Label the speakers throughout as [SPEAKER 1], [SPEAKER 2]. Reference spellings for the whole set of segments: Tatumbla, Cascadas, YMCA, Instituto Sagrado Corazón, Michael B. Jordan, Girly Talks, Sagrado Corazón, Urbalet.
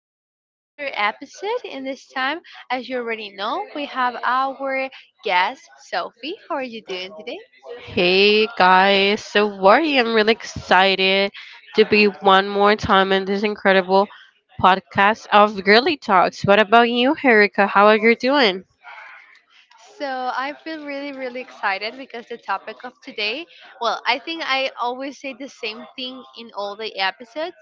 [SPEAKER 1] welcome back to another episode. And this time, as you already know, we have our guest, Sophie. How are you doing today?
[SPEAKER 2] Hey guys, so Wari, I'm really excited to be one more time in this incredible podcast of Girly Talks. What about you, Erica? How are you doing?
[SPEAKER 1] So I feel really, really excited because the topic of today, well, I think I always say the same thing in all the episodes,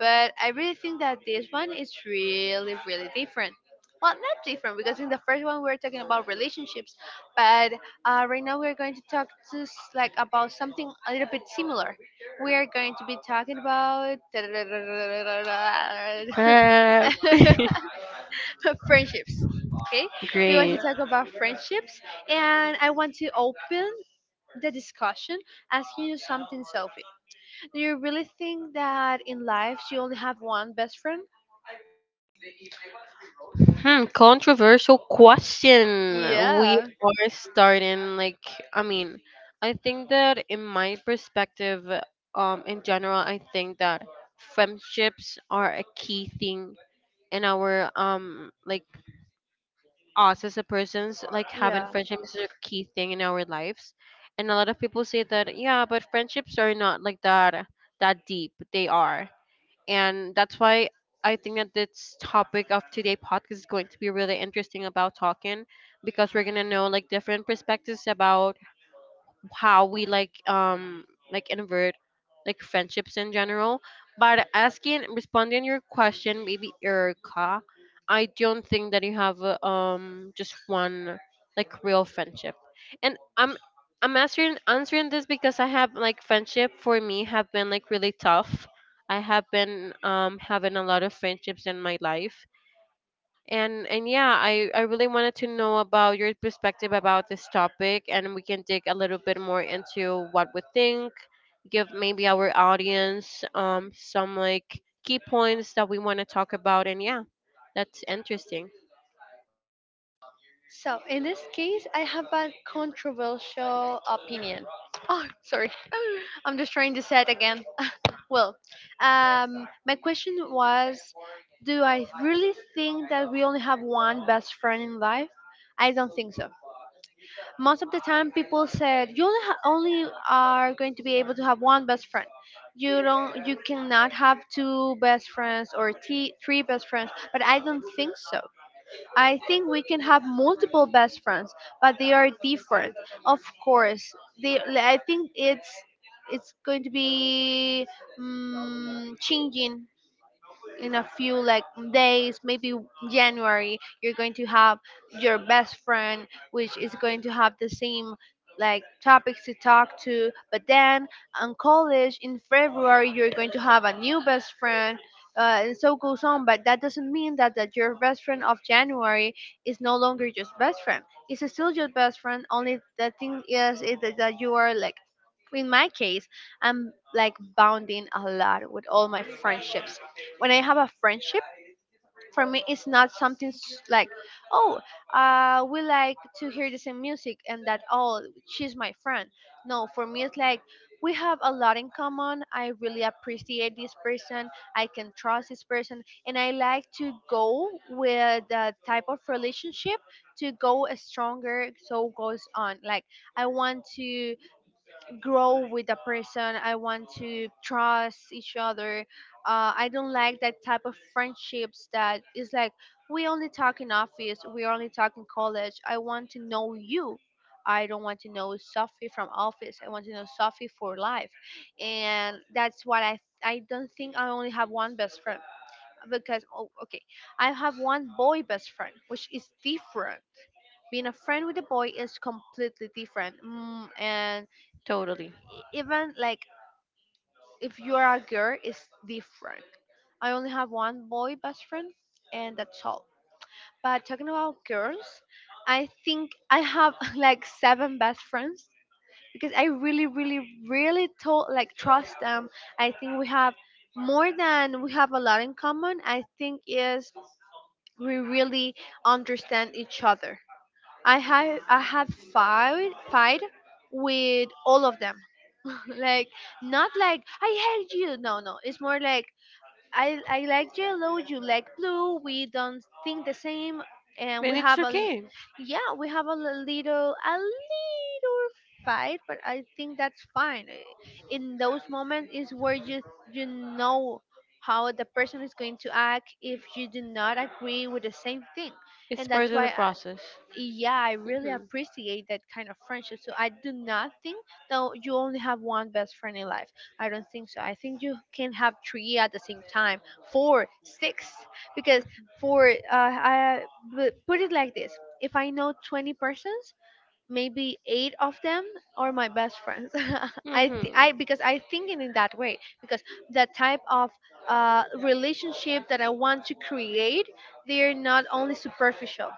[SPEAKER 1] but I really think that this one is really, really different. Well, not different because in the first one we were talking about relationships, but right now we're going to talk to s- like about something a little bit similar. We are going to be talking about
[SPEAKER 2] Uh,
[SPEAKER 1] friendships. Okay, we want to
[SPEAKER 2] Great.
[SPEAKER 1] talk about friendships, and I want to open the discussion asking you something selfish. Do you really think that in life you only have one best friend?
[SPEAKER 2] Hmm, controversial question. We
[SPEAKER 1] Yeah,
[SPEAKER 2] are starting, like, I mean, I think that in my perspective, in general, I think that friendships are a key thing in our like us as a person's, like, having
[SPEAKER 1] yeah.
[SPEAKER 2] friendships is a key thing in our lives. And a lot of people say that, yeah, but friendships are not like that deep they are, and that's why I think that this topic of today podcast is going to be really interesting about talking, because we're going to know like different perspectives about how we like invert, like friendships in general. But asking responding your question, maybe Erica, I don't think that you have just one like real friendship. And I'm answering this because I have, like, friendship for me have been like really tough. I have been having a lot of friendships in my life, and yeah, I really wanted to know about your perspective about this topic, and we can dig a little bit more into what we think, give maybe our audience some like key points that we want to talk about, and yeah, that's interesting.
[SPEAKER 1] So in this case, I have a controversial opinion. Oh, sorry. I'm just trying to say it again. Well, my question was, do I really think that we only have one best friend in life? I don't think so. Most of the time people said you only are going to be able to have one best friend. You cannot have two best friends or three best friends, but I don't think so. I think we can have multiple best friends, but they are different, of course. They i think it's it's going to be changing in a few, like, days maybe. January you're going to have your best friend, which is going to have the same like topics to talk to, but then on college in February you're going to have a new best friend. And so goes on, but that doesn't mean that your best friend of January is no longer just best friend. It's still your best friend. Only the thing is that you are like, in my case, I'm like bonding a lot with all my friendships. When I have a friendship, for me, it's not something like, oh, we like to hear the same music and that, oh, she's my friend. No, for me, it's like, we have a lot in common. I really appreciate this person. I can trust this person. And I like to go with the type of relationship to go stronger, so goes on. Like, I want to grow with a person. I want to trust each other. I don't like that type of friendships that is like, we only talk in office, we only talk in college. I want to know you. I don't want to know Sophie from office. I want to know Sophie for life, and that's what I. I don't think I only have one best friend because, oh, okay, I have one boy best friend, which is different. Being a friend with a boy is completely different, and
[SPEAKER 2] Totally,
[SPEAKER 1] even like if you are a girl it's different. I only have one boy best friend and that's all. But talking about girls, I think I have like seven best friends because I really, really really like trust them. I think we have more than, we have a lot in common. I think is, we really understand each other. I have fight with all of them. Like, not like I hate you. No, no. It's more like I like yellow. You like blue. We don't think the same, and we
[SPEAKER 2] and it's
[SPEAKER 1] have
[SPEAKER 2] okay.
[SPEAKER 1] yeah we have a little fight. But I think that's fine. In those moments is where you know, how the person is going to act if you do not agree with the same thing.
[SPEAKER 2] It's
[SPEAKER 1] And
[SPEAKER 2] part
[SPEAKER 1] that's
[SPEAKER 2] of the
[SPEAKER 1] why,
[SPEAKER 2] process.
[SPEAKER 1] yeah, I really
[SPEAKER 2] Mhm.
[SPEAKER 1] appreciate that kind of friendship. So I do not think that you only have one best friend in life. I don't think so. I think you can have three at the same time, four, six, because for I but put it like this: if I know 20 persons, maybe eight of them are my best friends. I
[SPEAKER 2] Mhm.
[SPEAKER 1] th- I Because I think in that way because the type of relationship that I want to create, they're not only superficial.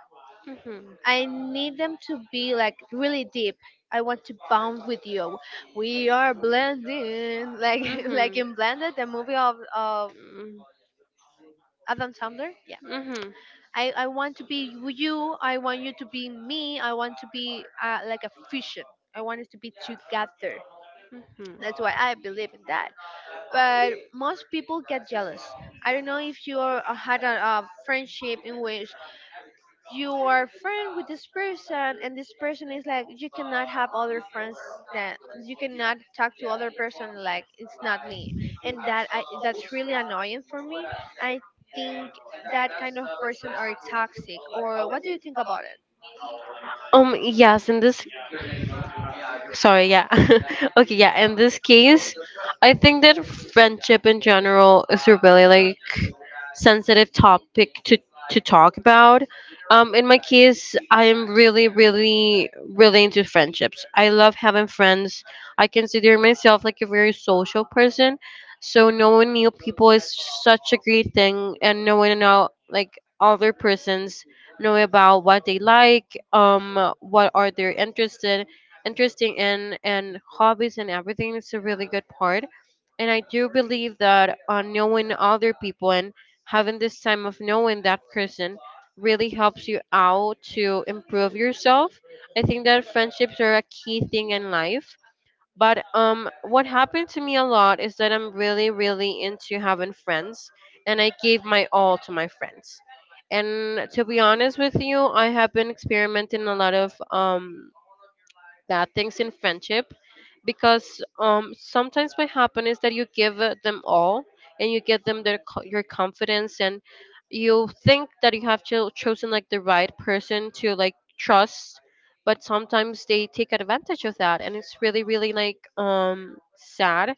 [SPEAKER 2] Mhm.
[SPEAKER 1] I need them to be like really deep. I want to bond with you. We are blending, like like
[SPEAKER 2] Mhm.
[SPEAKER 1] in Blended, the movie of
[SPEAKER 2] Mm.
[SPEAKER 1] Adam Sandler. Yeah,
[SPEAKER 2] Mhm.
[SPEAKER 1] I want to be you. I want you to be me. I want to be like a fusion. I want us to be together.
[SPEAKER 2] Mhm.
[SPEAKER 1] That's why I believe in that. But most people get jealous. I don't know if you are, had a friendship in which you are friend with this person and this person is like you cannot have other friends, that you cannot talk to other person, like it's not me. And that's really annoying for me. I think that kind of person are toxic, or what do you think about it?
[SPEAKER 2] Yes, in this, sorry, yeah. Okay, yeah, in this case, I think that friendship in general is a really, like, sensitive topic to talk about. In my case, I am really, really, really into friendships. I love having friends. I consider myself like a very social person, so knowing new people is such a great thing, and knowing about like other person's know about what they like, what are they interested interesting in, and hobbies and everything is a really good part. And I do believe that knowing other people and having this time of knowing that person really helps you out to improve yourself. I think that friendships are a key thing in life, but what happened to me a lot is that I'm really, really into having friends, and I gave my all to my friends. And to be honest with you, I have been experimenting a lot of bad things in friendship, because sometimes what happens is that you give them all, and you give them your confidence, and you think that you have chosen like the right person to like trust, but sometimes they take advantage of that, and it's really really like sad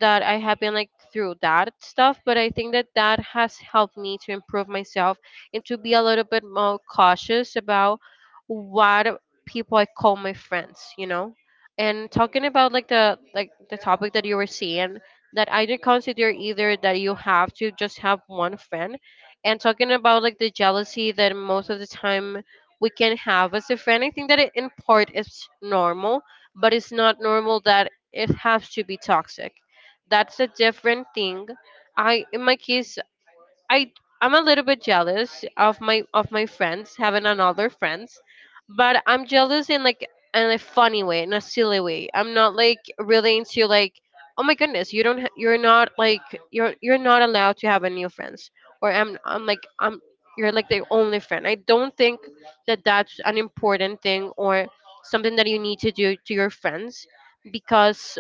[SPEAKER 2] that I have been like through that stuff. But I think that that has helped me to improve myself and to be a little bit more cautious about what people I call my friends, you know. And talking about like the topic that you were seeing, that I didn't consider either that you have to just have one friend. And talking about like the jealousy that most of the time we can have as a friend, I think that it in part is normal, but it's not normal that it has to be toxic. That's a different thing. I In my case, i I'm a little bit jealous of my friends having another friends, but I'm jealous in like in a funny way, in a silly way. I'm not like really into, like, oh my goodness, you don't ha- you're not like, you're not allowed to have a new friends, or I'm like, I'm you're like the only friend. I don't think that that's an important thing or something that you need to do to your friends, because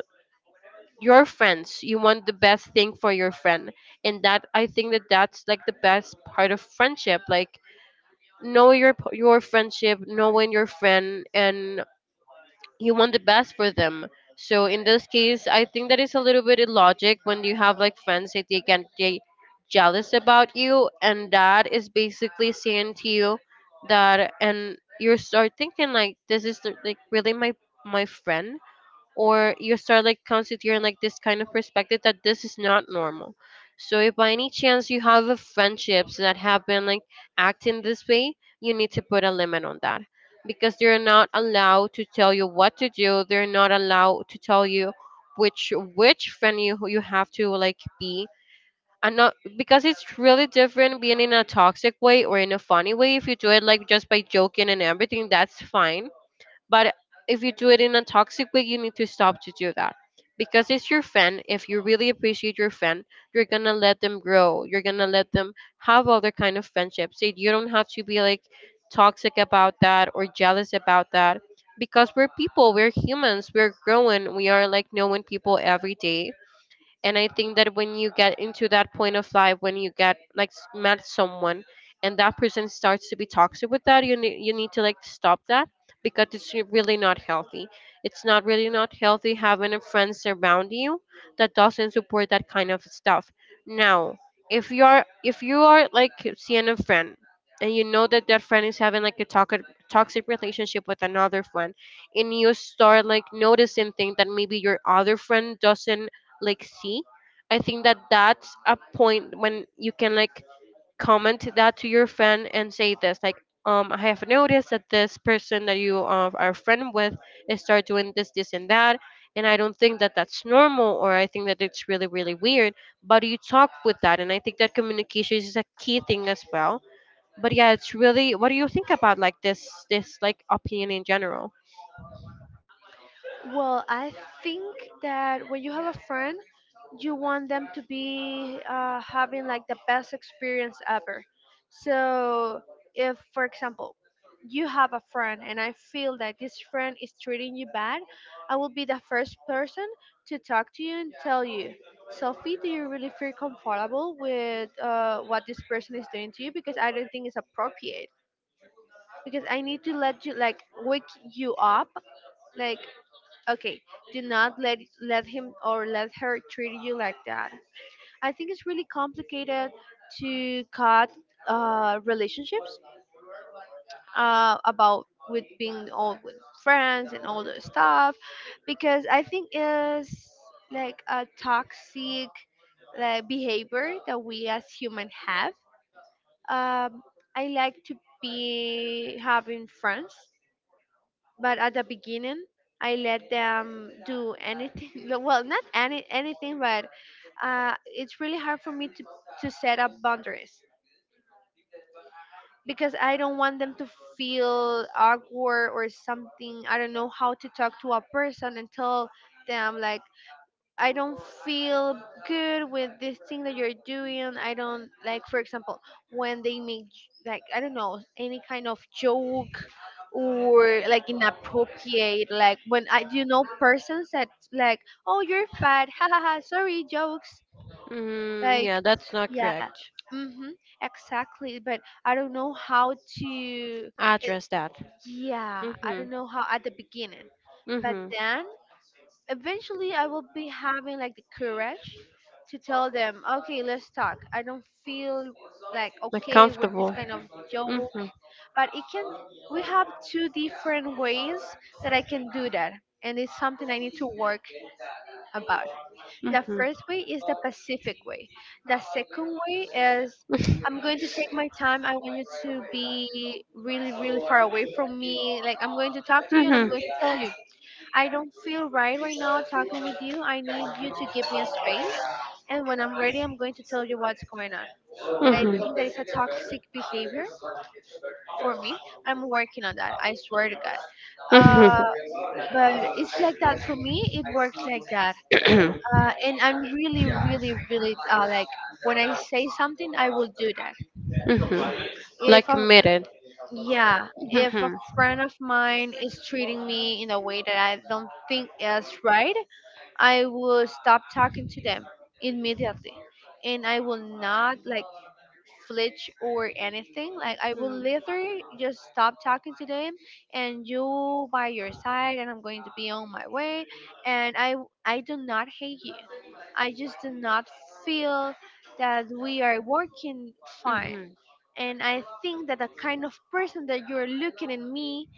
[SPEAKER 2] your friends, you want the best thing for your friend, and that, I think that that's like the best part of friendship, like, know your friendship, knowing your friend and you want the best for them. So in this case, I think that is a little bit illogic when you have like friends that they can get jealous about you, and that is basically saying to you that, and you start thinking like, this is like really my friend, or you start like considering like this kind of perspective that this is not normal. So if by any chance you have a friendships that have been like acting this way, you need to put a limit on that, because they're not allowed to tell you what to do, they're not allowed to tell you which friend you have to like be and not, because it's really different being in a toxic way or in a funny way. If you do it like just by joking and everything, that's fine. But if you do it in a toxic way, you need to stop to do that, because it's your friend. If you really appreciate your friend, you're gonna let them grow. You're gonna let them have other kind of friendships. It- You don't have to be like toxic about that or jealous about that, because we're people. We're humans. We're growing. We are like knowing people every day. And I think that when you get into that point of life, when you get like s- met someone and that person starts to be toxic with that, you need to like stop that, because it's really not healthy. It's not really not healthy having a friend surround you that doesn't support that kind of stuff. Now, if you are like seeing a friend, and you know that that friend is having like a toxic relationship with another friend, and you start like noticing things that maybe your other friend doesn't like see, I think that that's a point when you can like comment that to your friend and say this, like, I have noticed that this person that you are friend with is start doing this and that, and I don't think that that's normal, or I think that it's really really weird. But you talk with that, and I think that communication is a key thing as well. But yeah, it's really. What do you think about like this like opinion in general?
[SPEAKER 1] Well, I think that when you have a friend, you want them to be having like the best experience ever. So, if, for example, you have a friend and I feel that this friend is treating you bad, I will be the first person to talk to you and tell you, Sophie, do you really feel comfortable with what this person is doing to you? Because I don't think it's appropriate. Because I need to let you, like, wake you up. Like, okay, do not let him or let her treat you like that. I think it's really complicated to cut relationships about with being all with friends and all the stuff because I think it's like a toxic like behavior that we as human have. Um, I like to be having friends, but at the beginning I let them do anything. No, well, not any anything, but it's really hard for me to set up boundaries because I don't want them to feel awkward or something. I don't know how to talk to a person and tell them like, I don't feel good with this thing that you're doing. I don't like, for example, when they make I don't know any kind of joke or like inappropriate. Like when I, do you know persons that like, oh you're fat, ha ha ha, sorry jokes.
[SPEAKER 2] Mm,
[SPEAKER 1] Like,
[SPEAKER 2] yeah, that's not
[SPEAKER 1] yeah,
[SPEAKER 2] correct.
[SPEAKER 1] mhm, exactly. But I don't know how to.
[SPEAKER 2] I
[SPEAKER 1] It,
[SPEAKER 2] address that.
[SPEAKER 1] yeah, I don't
[SPEAKER 2] Mhm.
[SPEAKER 1] know how at the beginning, but
[SPEAKER 2] Mhm.
[SPEAKER 1] then eventually I will be having like the courage to tell them, okay, let's talk. I don't feel like
[SPEAKER 2] Like
[SPEAKER 1] okay with this
[SPEAKER 2] comfortable.
[SPEAKER 1] kind of joke,
[SPEAKER 2] Mhm.
[SPEAKER 1] but it can. We have two different ways that I can do that, and it's something I need to work about. The
[SPEAKER 2] Mhm.
[SPEAKER 1] first way is the Pacific way. The second way is, I'm going to take my time. I want you to be really, really far away from me. Like, I'm going to talk to you and I'm
[SPEAKER 2] Mhm.
[SPEAKER 1] going to tell you, I don't feel right now talking with you. I need you to give me a space. And when I'm ready, I'm going to tell you what's going on. That I think that is a toxic behavior for me. I'm working on that. I swear to God. Uh,
[SPEAKER 2] Mhm.
[SPEAKER 1] but it's like that for me. It works like that.
[SPEAKER 2] Mhm.
[SPEAKER 1] And I'm really, really, really like when I say something, I will do that.
[SPEAKER 2] Mhm.
[SPEAKER 1] If
[SPEAKER 2] Like
[SPEAKER 1] a
[SPEAKER 2] committed.
[SPEAKER 1] Yeah, if a
[SPEAKER 2] Mhm.
[SPEAKER 1] friend of mine is treating me in a way that I don't think is right, I will stop talking to them immediately. And I will not like flinch or anything. Like I will literally just stop talking to them and you by your side, and I'm going to be on my way. And I do not hate you. I just do not feel that we are working fine,
[SPEAKER 2] Mhm.
[SPEAKER 1] and I think that the kind of person that you're looking in me,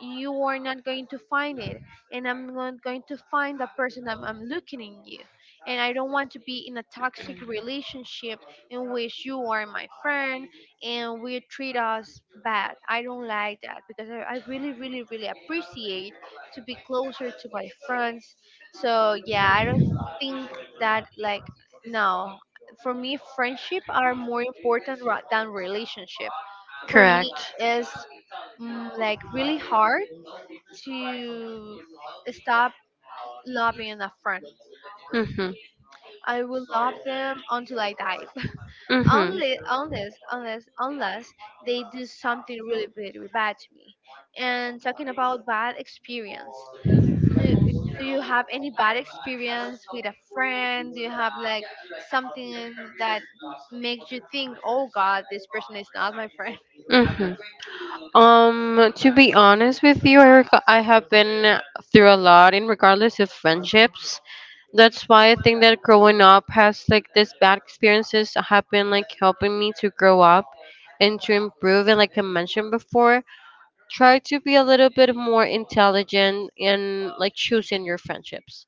[SPEAKER 1] you are not going to find it, and I'm not going to find the person that I'm looking in you, and I don't want to be in a toxic relationship in which you are my friend and we treat us bad. I don't like that because I really, really, really appreciate to be closer to my friends. So yeah, I don't
[SPEAKER 2] Mhm.
[SPEAKER 1] think that like, no, for me friendship are more important than relationship. For me,
[SPEAKER 2] Correct.
[SPEAKER 1] it's like really hard to stop loving a friend.
[SPEAKER 2] Mm.
[SPEAKER 1] I will love them until I die.
[SPEAKER 2] Mm-hmm.
[SPEAKER 1] Unless they do something really, really bad to me. And talking about bad experience, do, do you have any bad experience with a friend? Do you have like something that makes you think, oh God, this person is not my friend?
[SPEAKER 2] Mm-hmm. To be honest with you, Erica, I have been through a lot in regardless of friendships. That's why I think that growing up has like this bad experiences have been like helping me to grow up and to improve. And like I mentioned before, try to be a little bit more intelligent in like choosing your friendships.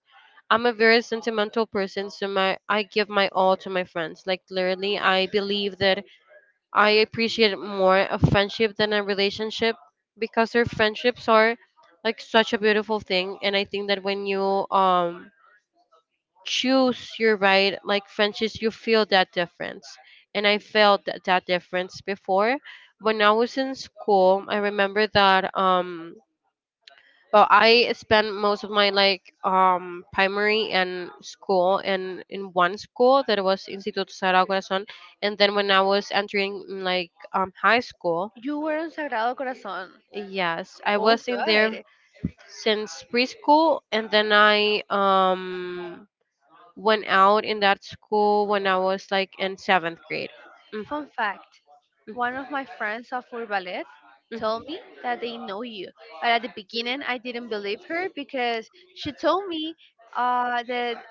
[SPEAKER 2] I'm a very sentimental person, so my I give my all to my friends. Like literally, I believe that I appreciate more a friendship than a relationship, because their friendships are like such a beautiful thing, and I think that when you um choose your right like friendships, you feel that difference, and I felt that, that difference before. When I was in school, I remember that well, I spent most of my like primary and school and in one school that was Instituto Sagrado Corazón, and then when I was entering like high school,
[SPEAKER 1] You were on Sagrado Corazón.
[SPEAKER 2] yes, I
[SPEAKER 1] Oh,
[SPEAKER 2] was in there
[SPEAKER 1] good.
[SPEAKER 2] since preschool, and then I went out in that school when I was like in seventh grade. Mm,
[SPEAKER 1] Fun fact,
[SPEAKER 2] mm,
[SPEAKER 1] one of my friends of Urbalet told
[SPEAKER 2] mm,
[SPEAKER 1] me that they know you. But at the beginning, I didn't believe her because she told me that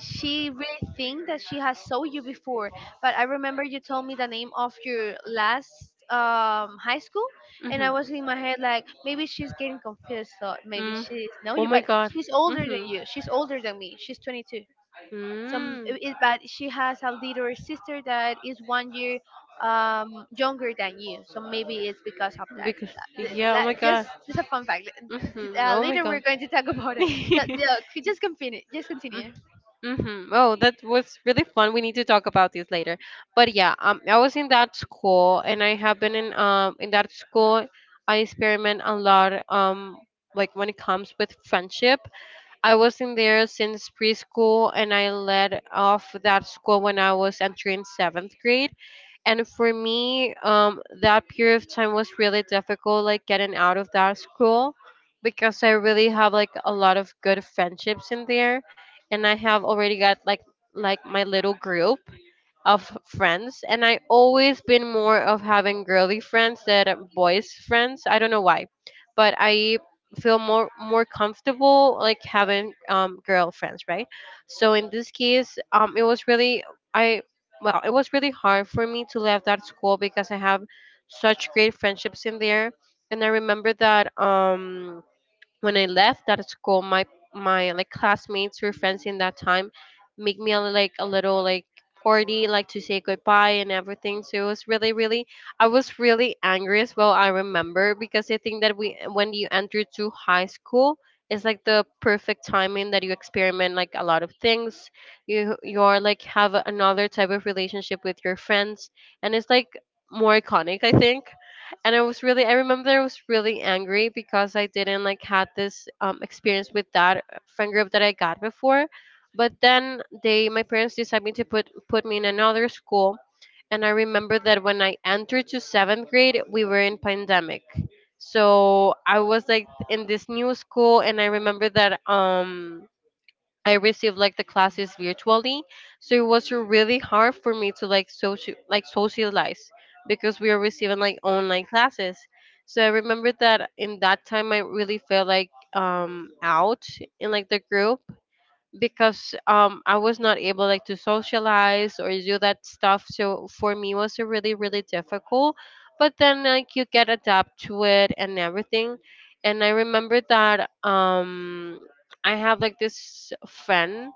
[SPEAKER 1] she really think that she has saw you before. But I remember you told me the name of your last high school, and
[SPEAKER 2] mhm,
[SPEAKER 1] I was in my head like, maybe she's getting confused, so maybe
[SPEAKER 2] mm.
[SPEAKER 1] she know
[SPEAKER 2] Oh
[SPEAKER 1] you.
[SPEAKER 2] my
[SPEAKER 1] But
[SPEAKER 2] God.
[SPEAKER 1] she's older than you, she's older than me, she's 22. So
[SPEAKER 2] Mhm.
[SPEAKER 1] it, but she has a little sister that is one year younger than you, so maybe it's because of that.
[SPEAKER 2] Because yeah, oh my
[SPEAKER 1] Just
[SPEAKER 2] god.
[SPEAKER 1] just a fun fact,
[SPEAKER 2] Hmm. Oh my
[SPEAKER 1] later we're
[SPEAKER 2] god.
[SPEAKER 1] going to talk about it. So, yeah, just continue.
[SPEAKER 2] Mm-hmm. Oh, that was really fun. We need to talk about this later. But yeah, I was in that school, and I have been in that school. I experiment a lot. Like when it comes with friendship, I was in there since preschool, and I led off that school when I was entering seventh grade. And for me, that period of time was really difficult, like getting out of that school, because I really have like a lot of good friendships in there, and I have already got like my little group of friends, and I always been more of having girly friends than boys friends. I don't know why, but I feel more comfortable like having girlfriends, right? So in this case, it was really I well, it was really hard for me to leave that school, because I have such great friendships in there, and I remember that when I left that school, my like classmates or friends in that time make me like a little like 40, like to say goodbye and everything. So it was really, really, I was really angry as well. I remember because I think that we when you enter to high school. It's like the perfect timing that you experiment like a lot of things. You are like have another type of relationship with your friends, and it's like more iconic, I think. And I was really, I remember I was really angry because I didn't like had this experience with that friend group that I got before. But then they my parents decided to put me in another school, and I remember that when I entered to seventh grade we were in pandemic. So I was like in this new school, and I remember that I received like the classes virtually, so it was really hard for me to like socialize because we were receiving like online classes. So I remember that in that time I really felt like out in like the group because I was not able like to socialize or do that stuff. So for me it was really, really difficult. But then like you get adapt to it and everything. And I remember that I have like this friend,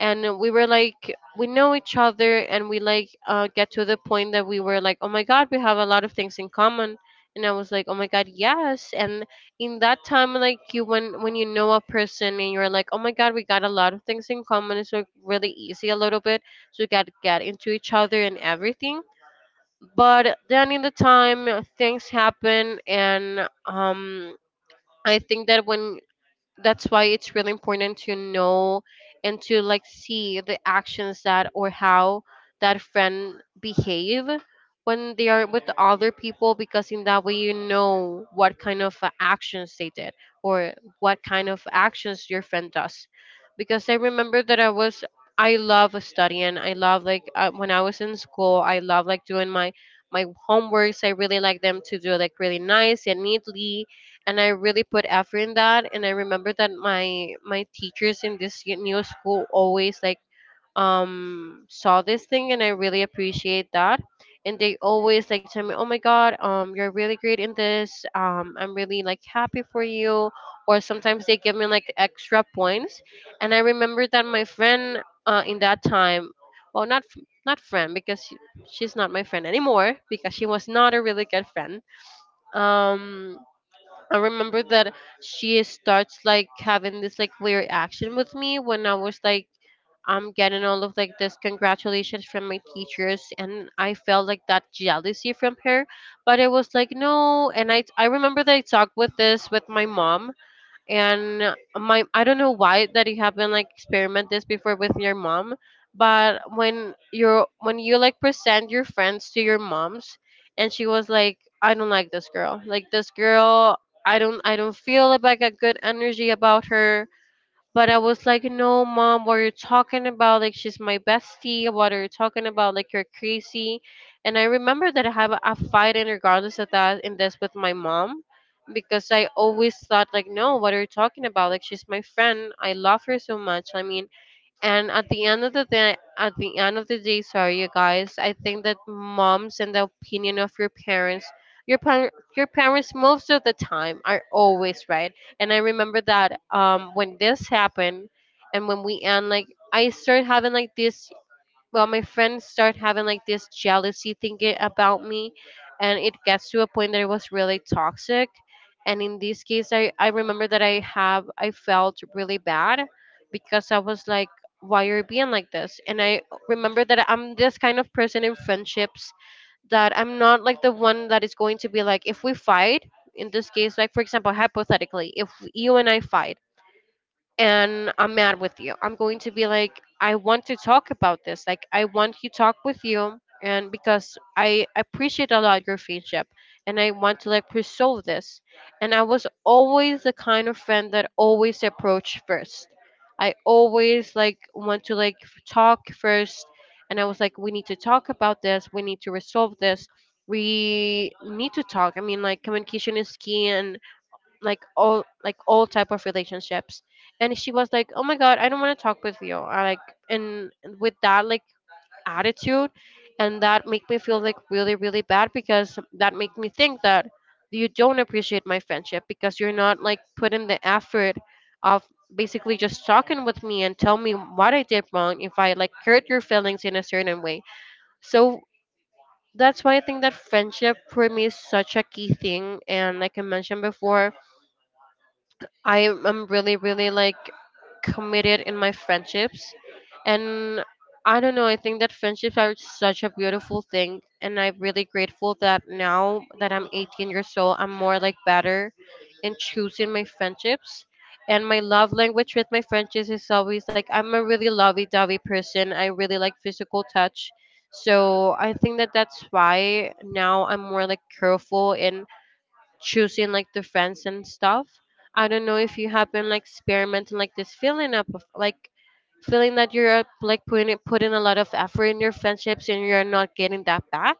[SPEAKER 2] and we were like we know each other, and we like get to the point that we were like, oh my god, we have a lot of things in common. And I was like, oh my god, yes. And in that time like you when you know a person and you're like, oh my god, we got a lot of things in common, it's like really easy a little bit. So you got to get into each other and everything, but then in the time things happen. And I think that when that's why it's really important to know and to like see the actions that, or how that friend behave when they are with other people, because in that way you know what kind of actions they did, or what kind of actions your friend does. Because I remember that I love studying, I love like when I was in school I love like doing my my homeworks, I really like them to do like really nice and neatly, and I really put effort in that. And I remember that my teachers in this new school always like saw this thing, and I really appreciate that. And they always like tell me, "Oh my god, you're really great in this. I'm really like happy for you." Or sometimes they give me like extra points. And I remember that my friend in that time, well, not friend, because she, she's not my friend anymore because she was not a really good friend. Um, I remember that she starts like having this like weird action with me when I was like I'm getting all of like this congratulations from my teachers, and I felt like that jealousy from her. But it was like no, and I remember that I talked with this with my mom. And my, I don't know why that you haven't like experimented this before with your mom, but when you're when you like present your friends to your moms, and she was like, I don't like this girl, like this girl, I don't feel like a good energy about her. But I was like, no, mom, what you're talking about? Like, she's my bestie. What are you talking about? Like, you're crazy. And I remember that I have a fight in regardless of that in this with my mom, because I always thought, like, no, what are you talking about? Like, she's my friend, I love her so much. I mean, and at the end of the day, at the end of the day, sorry you guys, I think that moms and the opinion of your parents, your parents most of the time are always right. And I remember that when this happened, and when we end, like I started having like this, well, my friends start having like this jealousy thinking about me, and it gets to a point that it was really toxic. And in this case I remember that I felt really bad because I was like, why are you being like this? And I remember that I'm this kind of person in friendships that I'm not like the one that is going to be like, if we fight, in this case like for example hypothetically, if you and I fight and I'm mad with you, I'm going to be like, I want to talk about this. Like, I want to talk with you, and because I appreciate a lot your friendship, and I want to like pursue this. And I was always the kind of friend that always approached first. I always like want to talk first, and I was like, we need to talk about this. We need to resolve this. We need to talk. I mean, like communication is key, and like all type of relationships. And she was like, oh my god, I don't want to talk with you, I, like, and with that like attitude. And that make me feel like really, really bad, because that make me think that you don't appreciate my friendship because you're not like putting the effort of basically just talking with me and tell me what I did wrong if I like hurt your feelings in a certain way. So that's why I think that friendship for me is such a key thing, and like I mentioned before, I am really, really like committed in my friendships. And I don't know, I think that friendships are such a beautiful thing. And I'm really grateful that now that I'm 18 years old, I'm more like better in choosing my friendships. And my love language with my friendships is always like I'm a really lovey dovey person, I really like physical touch. So I think that that's why now I'm more like careful in choosing like the friends and stuff. I don't know if you have been like experimenting like this feeling up of like feeling that you're like putting a lot of effort in your friendships and you're not getting that back.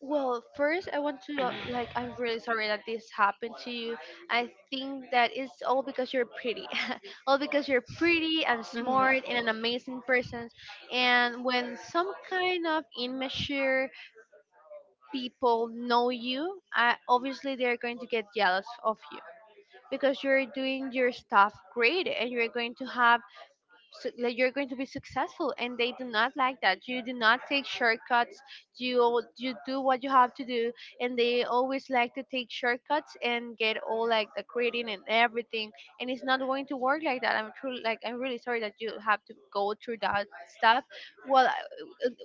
[SPEAKER 1] Well, first, I want to, like, I'm really sorry that this happened to you. I think that it's all because you're pretty. All because you're pretty and
[SPEAKER 2] Hmm.
[SPEAKER 1] smart and an amazing person. And when some kind of immature people know you, obviously they're going to get jealous of you because you're doing your stuff great, and you're going to have like, you're going to be successful, and they do not like that you do not take shortcuts. You you do what you have to do, and they always like to take shortcuts and get all like the grading and everything. And it's not going to work like that. I'm truly like, I'm really sorry that you have to go through that stuff. well I,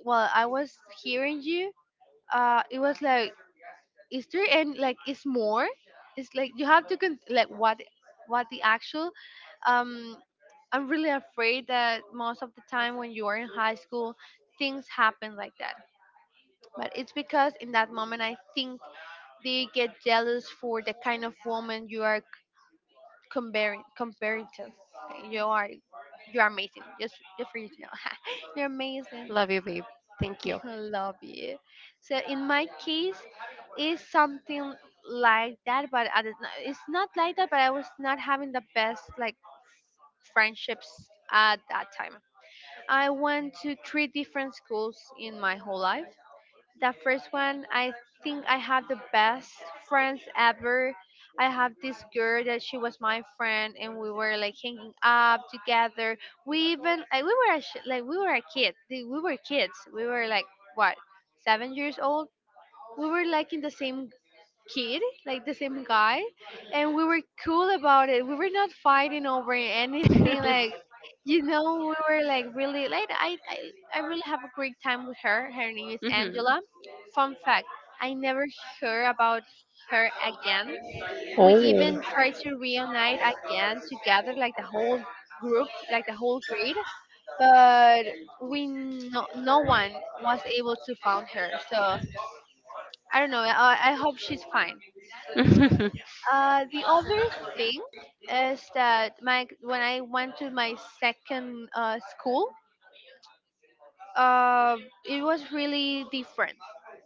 [SPEAKER 1] well, I was hearing you, it was like, is there, and like, is more, it's like you have to like, what the actual... um I'm really afraid that most of the time when you are in high school, things happen like that. But it's because in that moment, I think they get jealous for the kind of woman you are, comparing to... you are, you are amazing, just for you to know. You're amazing.
[SPEAKER 2] Love you, babe. Thank you.
[SPEAKER 1] Love you. So in my case, is something like that, but I did not, it's not like that. But I was not having the best like friendships at that time. I went to three different schools in my whole life. That first one, I think I have the best friends ever. I have this girl that she was my friend, and we were like hanging up together. We even like, we were a like, we were a kid, we were kids, we were like, what, 7 years old. We were like in the same kid, like the same guy, and we were cool about it. We were not fighting over anything. Like,
[SPEAKER 2] Hmm.
[SPEAKER 1] we were like really like, I really have a great time with her. Her name is Angela. Fun fact: I never heard about her again. We
[SPEAKER 2] Oh.
[SPEAKER 1] even tried to reunite again together, like the whole group, like the whole grade, but we no one was able to find her. So... I don't know. I hope she's fine. The other thing is that my when I went to my second school, uh, it was really different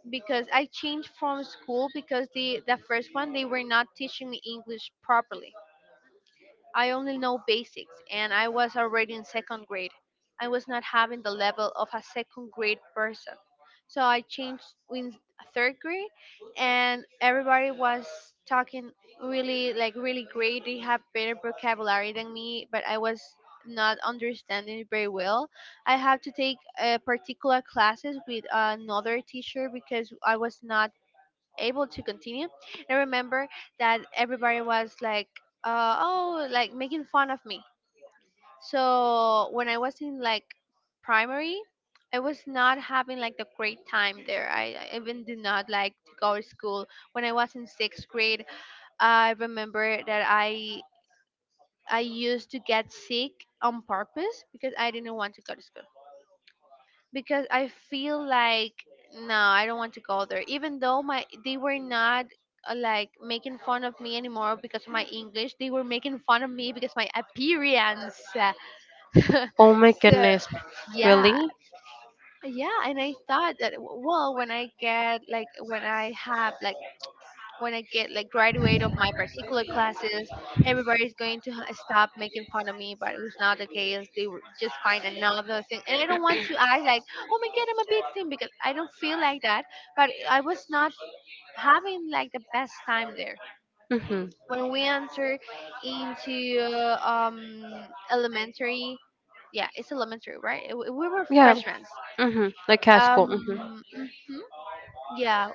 [SPEAKER 1] because I changed from school because the first one they were not teaching me English properly. I only know basics, and I was already in second grade. I was not having the level of a second grade person. So I changed in third grade, and everybody was talking really, like, really great. They have better vocabulary than me, but I was not understanding it very well. I had to take particular classes with another teacher because I was not able to continue. And I remember that everybody was like, oh, like making fun of me. So when I was in like primary, I was not having like the great time there. I even did not like to go to school. When I was in sixth grade, I remember that I used to get sick on purpose because I didn't want to go to school because I feel like, no, I don't want to go there. Even though my they were not like making fun of me anymore because of my English, they were making fun of me because my appearance.
[SPEAKER 2] Oh my
[SPEAKER 1] So
[SPEAKER 2] goodness.
[SPEAKER 1] yeah,
[SPEAKER 2] Really?
[SPEAKER 1] yeah, and I thought that well, when I get like, when I have like, when I get like graduate of my particular classes, everybody's going to stop making fun of me. But it's not the case. They will just find another thing, and I don't want to act like, oh my God, I'm a victim because I don't feel like that. But I was not having like the best time there.
[SPEAKER 2] Mhm.
[SPEAKER 1] When we enter into elementary, yeah, it's elementary, right? We were
[SPEAKER 2] Yeah.
[SPEAKER 1] freshmen.
[SPEAKER 2] Mhm. Like classical. Mhm.
[SPEAKER 1] Um, mhm, yeah,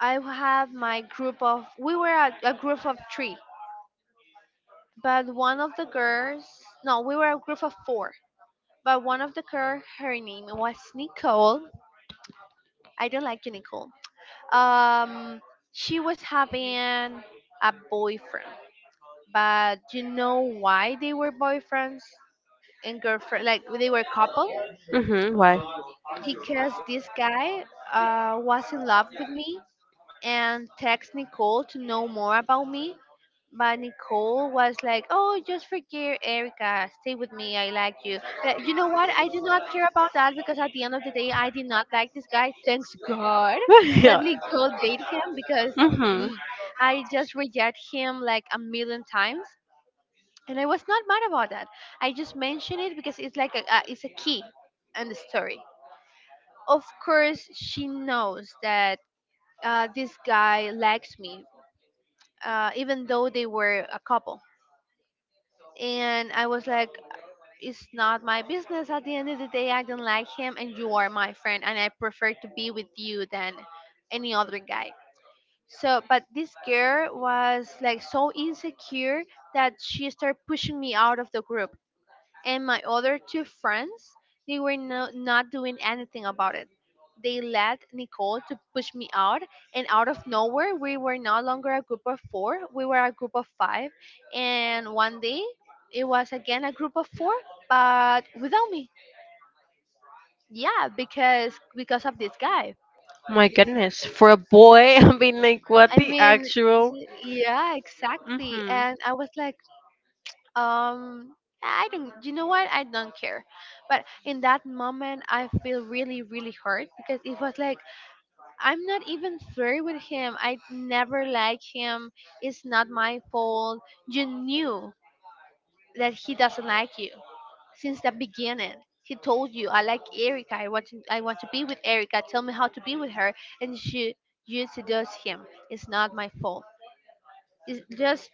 [SPEAKER 1] I have my group of. We were a group of three, but one of the girls, no, we were a group of four, but one of the girls, her name was Nicole. I don't like you, Nicole. um she was having a boyfriend. But you know why they were boyfriends and girlfriend, like, they were couple?
[SPEAKER 2] Mhm. Why?
[SPEAKER 1] Because this guy was in love with me and text Nicole to know more about me. But Nicole was like, "Oh, just forget Erica. Stay with me. I like you." But you know what? I did not care about that because at the end of the day, I did not like this guy. Thanks God that
[SPEAKER 2] Yeah.
[SPEAKER 1] Nicole dated him because
[SPEAKER 2] Mhm.
[SPEAKER 1] mm, I just reject him like a million times, and I was not mad about that. I just mention it because it's like a it's a key in the story. Of course, she knows that this guy likes me even though they were a couple. And I was like, it's not my business. At the end of the day, I don't like him, and you are my friend, and I prefer to be with you than any other guy. So, but this girl was like so insecure that she started pushing me out of the group, and my other two friends, they were no, not doing anything about it. They let Nicole to push me out, and out of nowhere, we were no longer a group of four. We were a group of five, and one day, it was again a group of four, but without me. Yeah, because of this guy.
[SPEAKER 2] My goodness. For a boy, I mean, like, what
[SPEAKER 1] I
[SPEAKER 2] the
[SPEAKER 1] mean,
[SPEAKER 2] actual?
[SPEAKER 1] yeah, exactly.
[SPEAKER 2] Mhm.
[SPEAKER 1] And I was like, um I don't... you know what? I don't care. But in that moment, I feel really really hurt because it was like, I'm not even flirting with him, I never like him, it's not my fault. You knew that he doesn't like you since the beginning. He told you, I like Erica, I want to be with Erica, tell me how to be with her. And she... you seduce him. It's not my fault. It's just...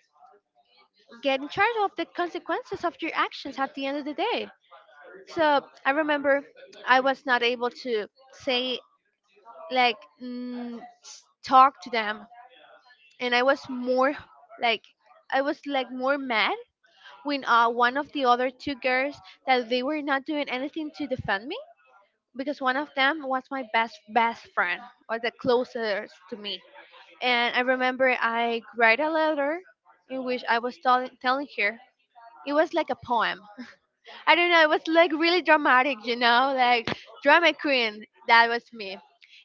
[SPEAKER 1] get in charge of the consequences of your actions at the end of the day. So I remember I was not able to say like talk to them, and I was more like, I was like more mad when one of the other two girls that they were not doing anything to defend me, because one of them was my best friend, or the closest to me, and I remember I write a letter in which I was telling her, it was like a poem, I don't know, it was like really dramatic, like drama queen. That was me.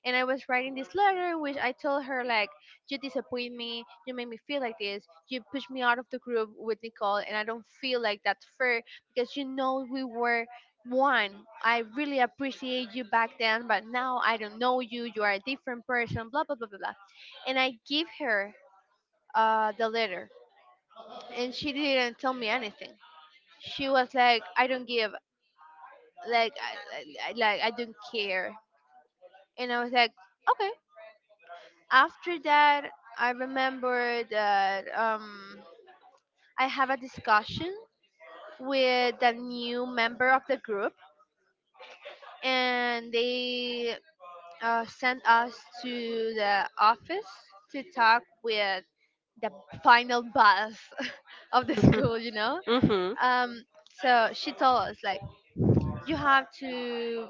[SPEAKER 1] And I was writing this letter in which I told her like, you disappoint me, you make me feel like this, you push me out of the group with Nicole, and I don't feel like that's fair because you know we were one. I really appreciate you back then, but now I don't know you. You are a different person. Blah blah blah blah blah. And I give her the letter, and she didn't tell me anything. She was like, I don't give like, like, I don't care. And I was like, okay. After that, I remember that I have a discussion with the new member of the group, and they sent us to the office to talk with the final boss of the
[SPEAKER 2] Mhm.
[SPEAKER 1] school. You know,
[SPEAKER 2] Mhm.
[SPEAKER 1] um, so she told us like, you have to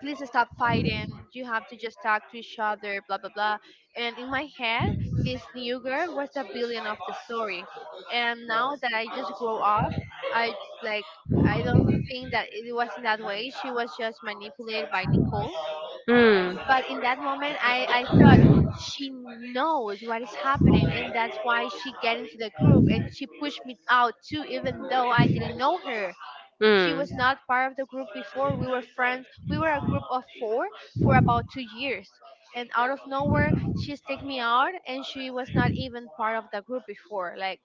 [SPEAKER 1] please stop fighting. You have to just talk to each other, blah, blah, blah. And in my head, this new girl was the villain of the story. And now that I just grow up, I like, I don't think that it was in that way. She was just manipulated by Nicole.
[SPEAKER 2] Mm.
[SPEAKER 1] But in that moment, I thought she knows what is happening. And that's why she get into the group and she pushed me out too, even though I didn't know her. She
[SPEAKER 2] Mm.
[SPEAKER 1] was not part of the group before. We were friends. We were a group of four for about 2 years. And out of nowhere, she stick me out, and she was not even part of the group before. Like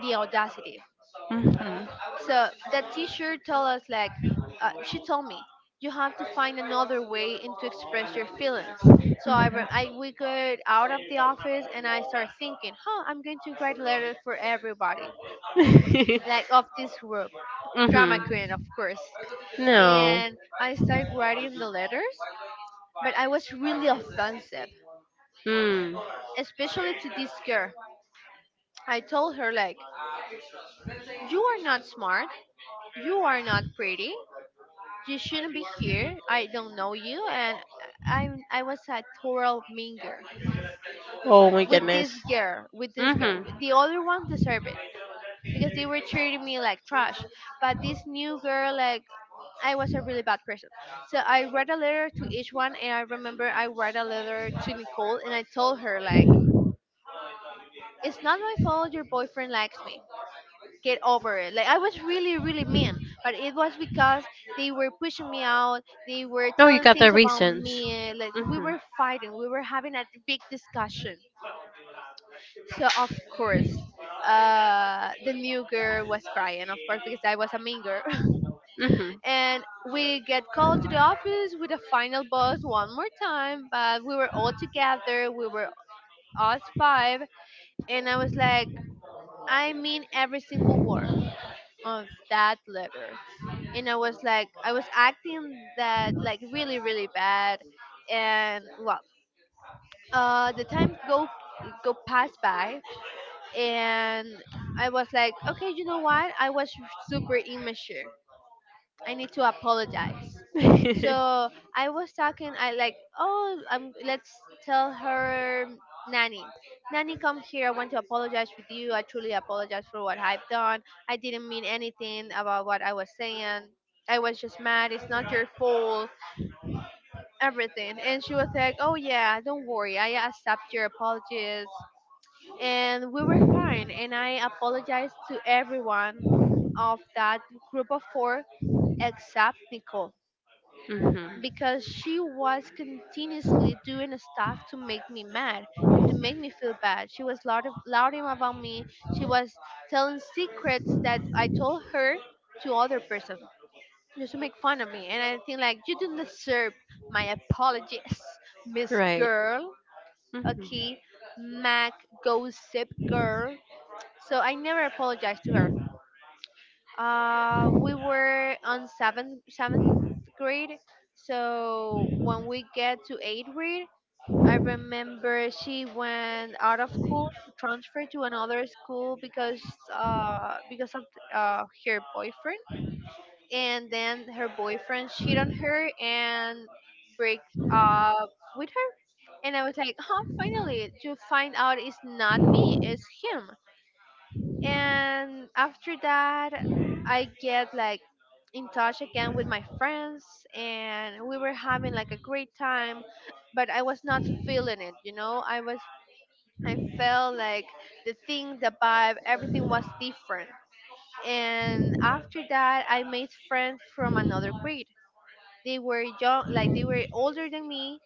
[SPEAKER 1] the audacity.
[SPEAKER 2] Mhm.
[SPEAKER 1] So that teacher told us, she told me, you have to find another way and to express your feelings. So I we got out of the office, and I started thinking, huh, I'm going to write letters for everybody,
[SPEAKER 2] Mhm.
[SPEAKER 1] like of this group, drama
[SPEAKER 2] Mhm.
[SPEAKER 1] queen, of course.
[SPEAKER 2] No.
[SPEAKER 1] And I started writing the letters, but I was really offensive,
[SPEAKER 2] Mm.
[SPEAKER 1] especially to this girl. I told her like, "You are not smart. You are not pretty. You shouldn't be here. I don't know you." And I was a total mean girl
[SPEAKER 2] Oh my
[SPEAKER 1] with
[SPEAKER 2] goodness.
[SPEAKER 1] this girl. With this girl,
[SPEAKER 2] Mhm.
[SPEAKER 1] the other one deserved it, because they were treating me like trash. But this new girl, like, I was a really bad person. So I wrote a letter to each one, and I remember I wrote a letter to Nicole, and I told her like, "It's not my fault. Your boyfriend likes me. Get over it." Like I was really, really mean, but it was because they were pushing me out. They were
[SPEAKER 2] No, you
[SPEAKER 1] telling
[SPEAKER 2] got the
[SPEAKER 1] things about
[SPEAKER 2] reasons.
[SPEAKER 1] me. Like we
[SPEAKER 2] Mhm.
[SPEAKER 1] were fighting. We were having a big discussion. So of course, the new girl was crying, of course, because I was a mean girl.
[SPEAKER 2] Mhm.
[SPEAKER 1] And we get called to the office with a final boss one more time, but we were all together. We were us five, and I was like, I mean every single word of that letter. And I was like, I was acting that like really, really bad. And the time go pass by. And I was like, okay, you know what, I was super immature. I need to apologize. So I was talking, I like, let's tell her, Nanny, Nanny, come here. I want to apologize with you. I truly apologize for what I've done. I didn't mean anything about what I was saying. I was just mad. It's not your fault. Everything. And she was like, oh, yeah, don't worry. I accept your apologies. And we were fine. And I apologized to everyone of that group of four except Nicole,
[SPEAKER 2] Mhm.
[SPEAKER 1] because she was continuously doing stuff to make me mad and to make me feel bad. She was loud, louding about me. She was telling secrets that I told her to other person just to make fun of me. And I think like you didn't deserve my apologies, Miss
[SPEAKER 2] Right.
[SPEAKER 1] Girl.
[SPEAKER 2] Mhm.
[SPEAKER 1] Okay, Mac Gossip Girl. So I never apologized to her. We were on seventh grade, so when we get to eighth grade, I remember she went out of school, she transferred to another school because of her boyfriend, and then her boyfriend cheated on her and break up with her. And I was like, huh, finally, you find out it's not me, it's him. And after that, I get like in touch again with my friends, and we were having like a great time, but I was not feeling it. I was, I felt like the thing, the vibe, everything was different. And after that I made friends from another grade. They were young, like they were older than me,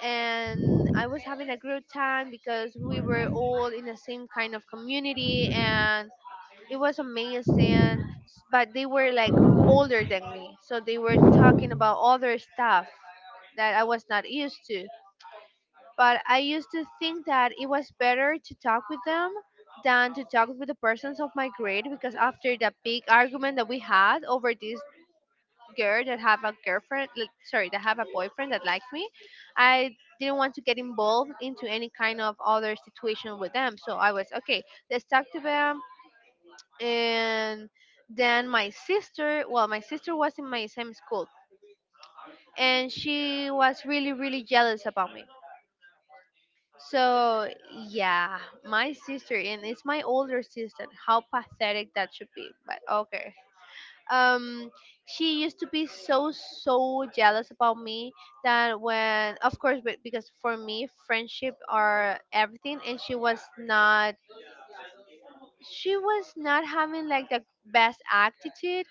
[SPEAKER 1] and I was having a great time because we were all in the same kind of community, and it was amazing. But they were like older than me, so they were talking about other stuff that I was not used to. But I used to think that it was better to talk with them than to talk with the persons of my grade, because after that big argument that we had over this girl that have a girlfriend, like, sorry, that have a boyfriend that liked me, I didn't want to get involved into any kind of other situation with them. So I was okay, let's talk to them. And then my sister, well, my sister was in my same school, and she was really, really jealous about me. So yeah, my sister, and it's my older sister, how pathetic that should be, but okay. um she used to be so, so jealous about me that when, of course, but because for me friendship are everything, and she was not having like the best attitude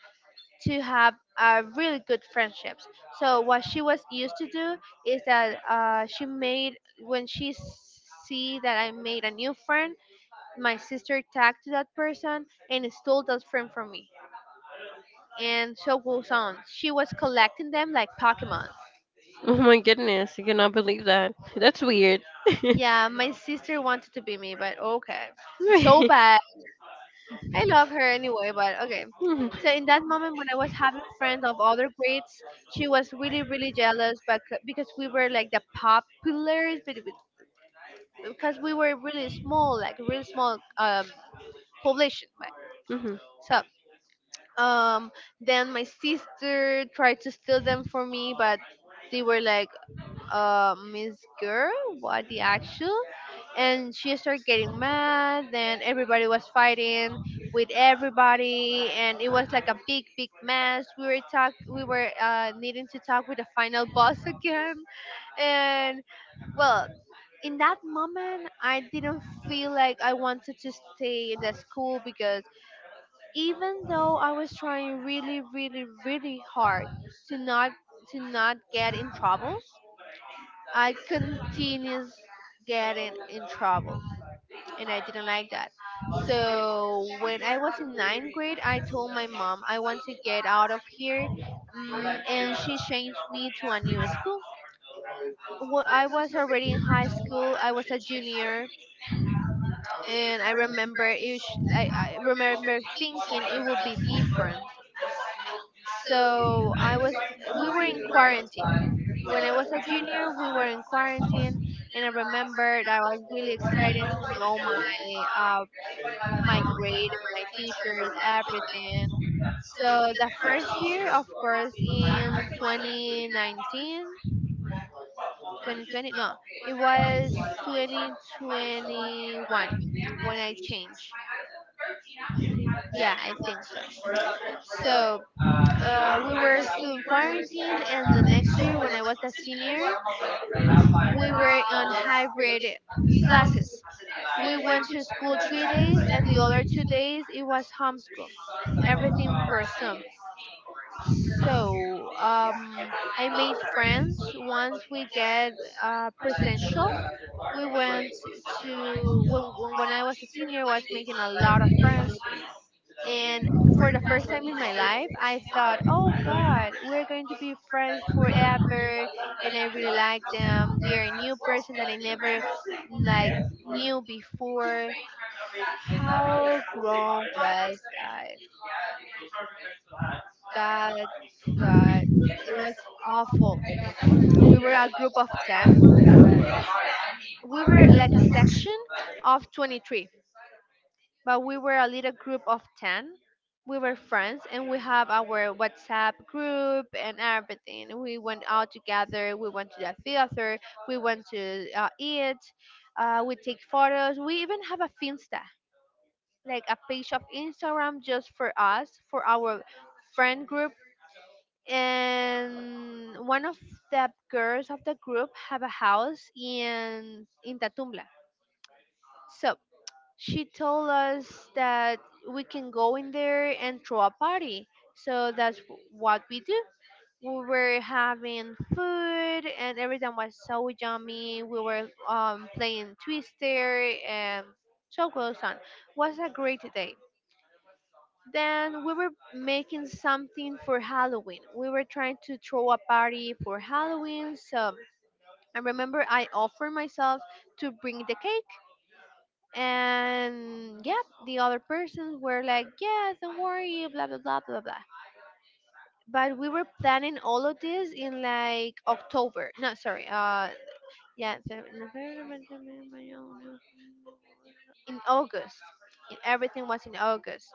[SPEAKER 1] to have really good friendships. So what she was used to do is that she made, when she see that I made a new friend, my sister tagged to that person and stole that friend from me, and so goes on. She was collecting them like Pokemon.
[SPEAKER 2] Oh my goodness, I cannot believe that. That's weird.
[SPEAKER 1] Yeah, my sister wanted to be me, but okay, so
[SPEAKER 2] Right.
[SPEAKER 1] bad. I love her anyway, but okay.
[SPEAKER 2] Mhm.
[SPEAKER 1] So in that moment when I was having friends of other grades, she was really, really jealous, but because we were like the populars, but because we were really small, like really small population. But
[SPEAKER 2] Mhm.
[SPEAKER 1] so um then my sister tried to steal them for me, but they were like, Miss Girl, what the actual? And she started getting mad. Then everybody was fighting with everybody, and it was like a big, big mess. We were needing to talk with the final boss again, and well, in that moment, I didn't feel like I wanted to stay in the school because even though I was trying really, really, really hard to not get in troubles, I continues getting in trouble, and I didn't like that. So when I was in ninth grade, I told my mom I want to get out of here, and she changed me to a new school. Well, I was already in high school. I was a junior, and I remember it. I remember thinking it would be different. So I was, we were in quarantine. When I was a junior, we were in quarantine, and I remembered I was really excited to know my my grade and my teachers, everything. So the first year, of course, in 2019, 2020, no, it was 2021 when I changed. Yeah, I think so. So we were still in quarantine, and the next year, when I was a senior, we were on hybrid classes. We went to school 3 days, and the other 2 days it was homeschool, everything per Zoom. So I made friends. Once we get presential, we went to, when I was a senior, I was making a lot of friends, and for the first time in my life, I thought, oh God, we're going to be friends forever. And I really like them. They are a new person that I never like knew before. How wrong was I? God, God, it was awful. We were a group of 10. We were like a section of 23, but we were a little group of 10. We were friends and we have our WhatsApp group and everything. We went out together, we went to the theater, we went to eat, we take photos. We even have a Finsta, like a page of Instagram just for us, for our friend group. And one of the girls of the group have a house in Tatumbla. So she told us that we can go in there and throw a party. So that's what we do. We were having food and everything was so yummy. We were playing Twister, and so goes on. Was a great day. Then we were making something for Halloween. We were trying to throw a party for Halloween. So I remember I offered myself to bring the cake, and yeah, the other persons were like, yeah, don't worry, blah blah blah blah blah. But we were planning all of this in like October, no, sorry, yeah so- in August. And everything was in August,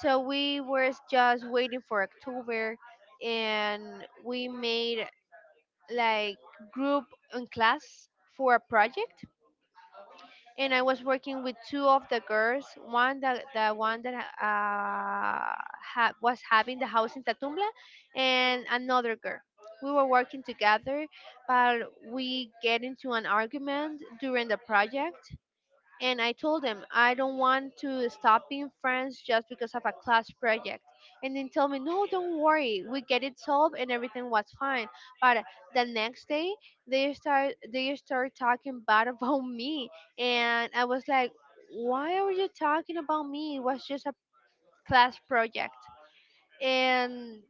[SPEAKER 1] so we were just waiting for October. And we made like group in class for a project, and I was working with two of the girls. One that the one that ha- Was having the house in Tatumbla, and another girl. We were working together, but we get into an argument during the project, and I told them I don't want to stop being friends just because of a class project. And they tell me, no, don't worry, we get it solved and everything was fine. But the next day, they start talking bad about me, and I was like, why are you talking about me? It was just a class project. And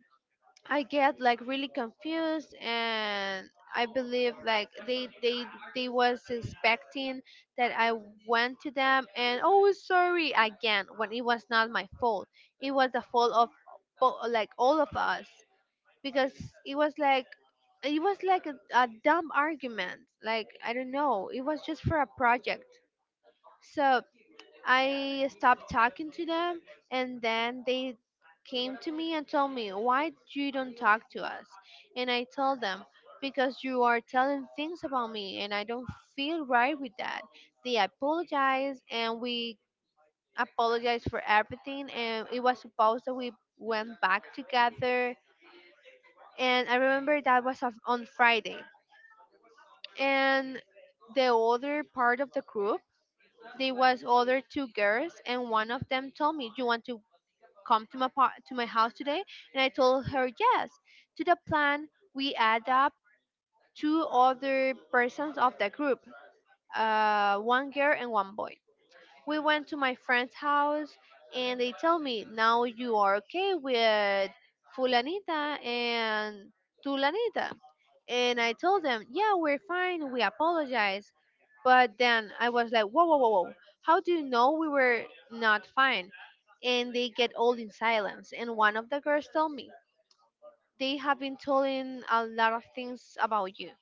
[SPEAKER 1] I get like really confused, and I believe like they was expecting that I went to them and oh sorry again when it was not my fault. It was the fault of like all of us because it was like it was like a dumb argument. Like, I don't know. It was just for a project. So I stopped talking to them, and then they came to me and told me, "Why you don't talk to us?" And I told them, "Because you are telling things about me, and I don't feel right with that." They apologized, and we apologized for everything, and it was supposed that we went back together. And I remember that was on Friday. And the other part of the group, there was other two girls, and one of them told me, "You want to come to my to my house today?" And I told her yes. To the plan, we add up two other persons of the group, one girl and one boy. We went to my friend's house, and they tell me, "Now you are okay with Fulanita and Tulanita?" And I told them, "Yeah, we're fine, we apologize." But then I was like, "Whoa, whoa, whoa, whoa, how do you know we were not fine?" And they get all in silence, and one of the girls told me, "They have been telling a lot of things about you."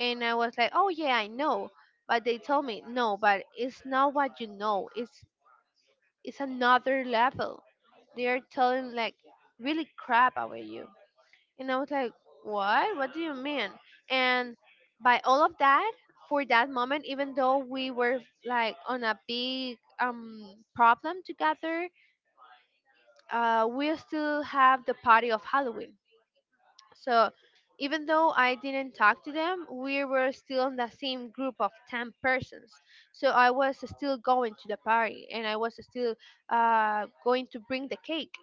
[SPEAKER 1] And I was like, "Oh yeah, I know." But they told me, "No, but it's not what you know, it's another level. They are telling like really crap about you." And I was like, "What? What do you mean?" And by all of that, for that moment, even though we were like on a big problem together, we still have the party of Halloween. So even though I didn't talk to them, we were still in the same group of 10 persons. So I was still going to the party, and I was still going to bring the cake.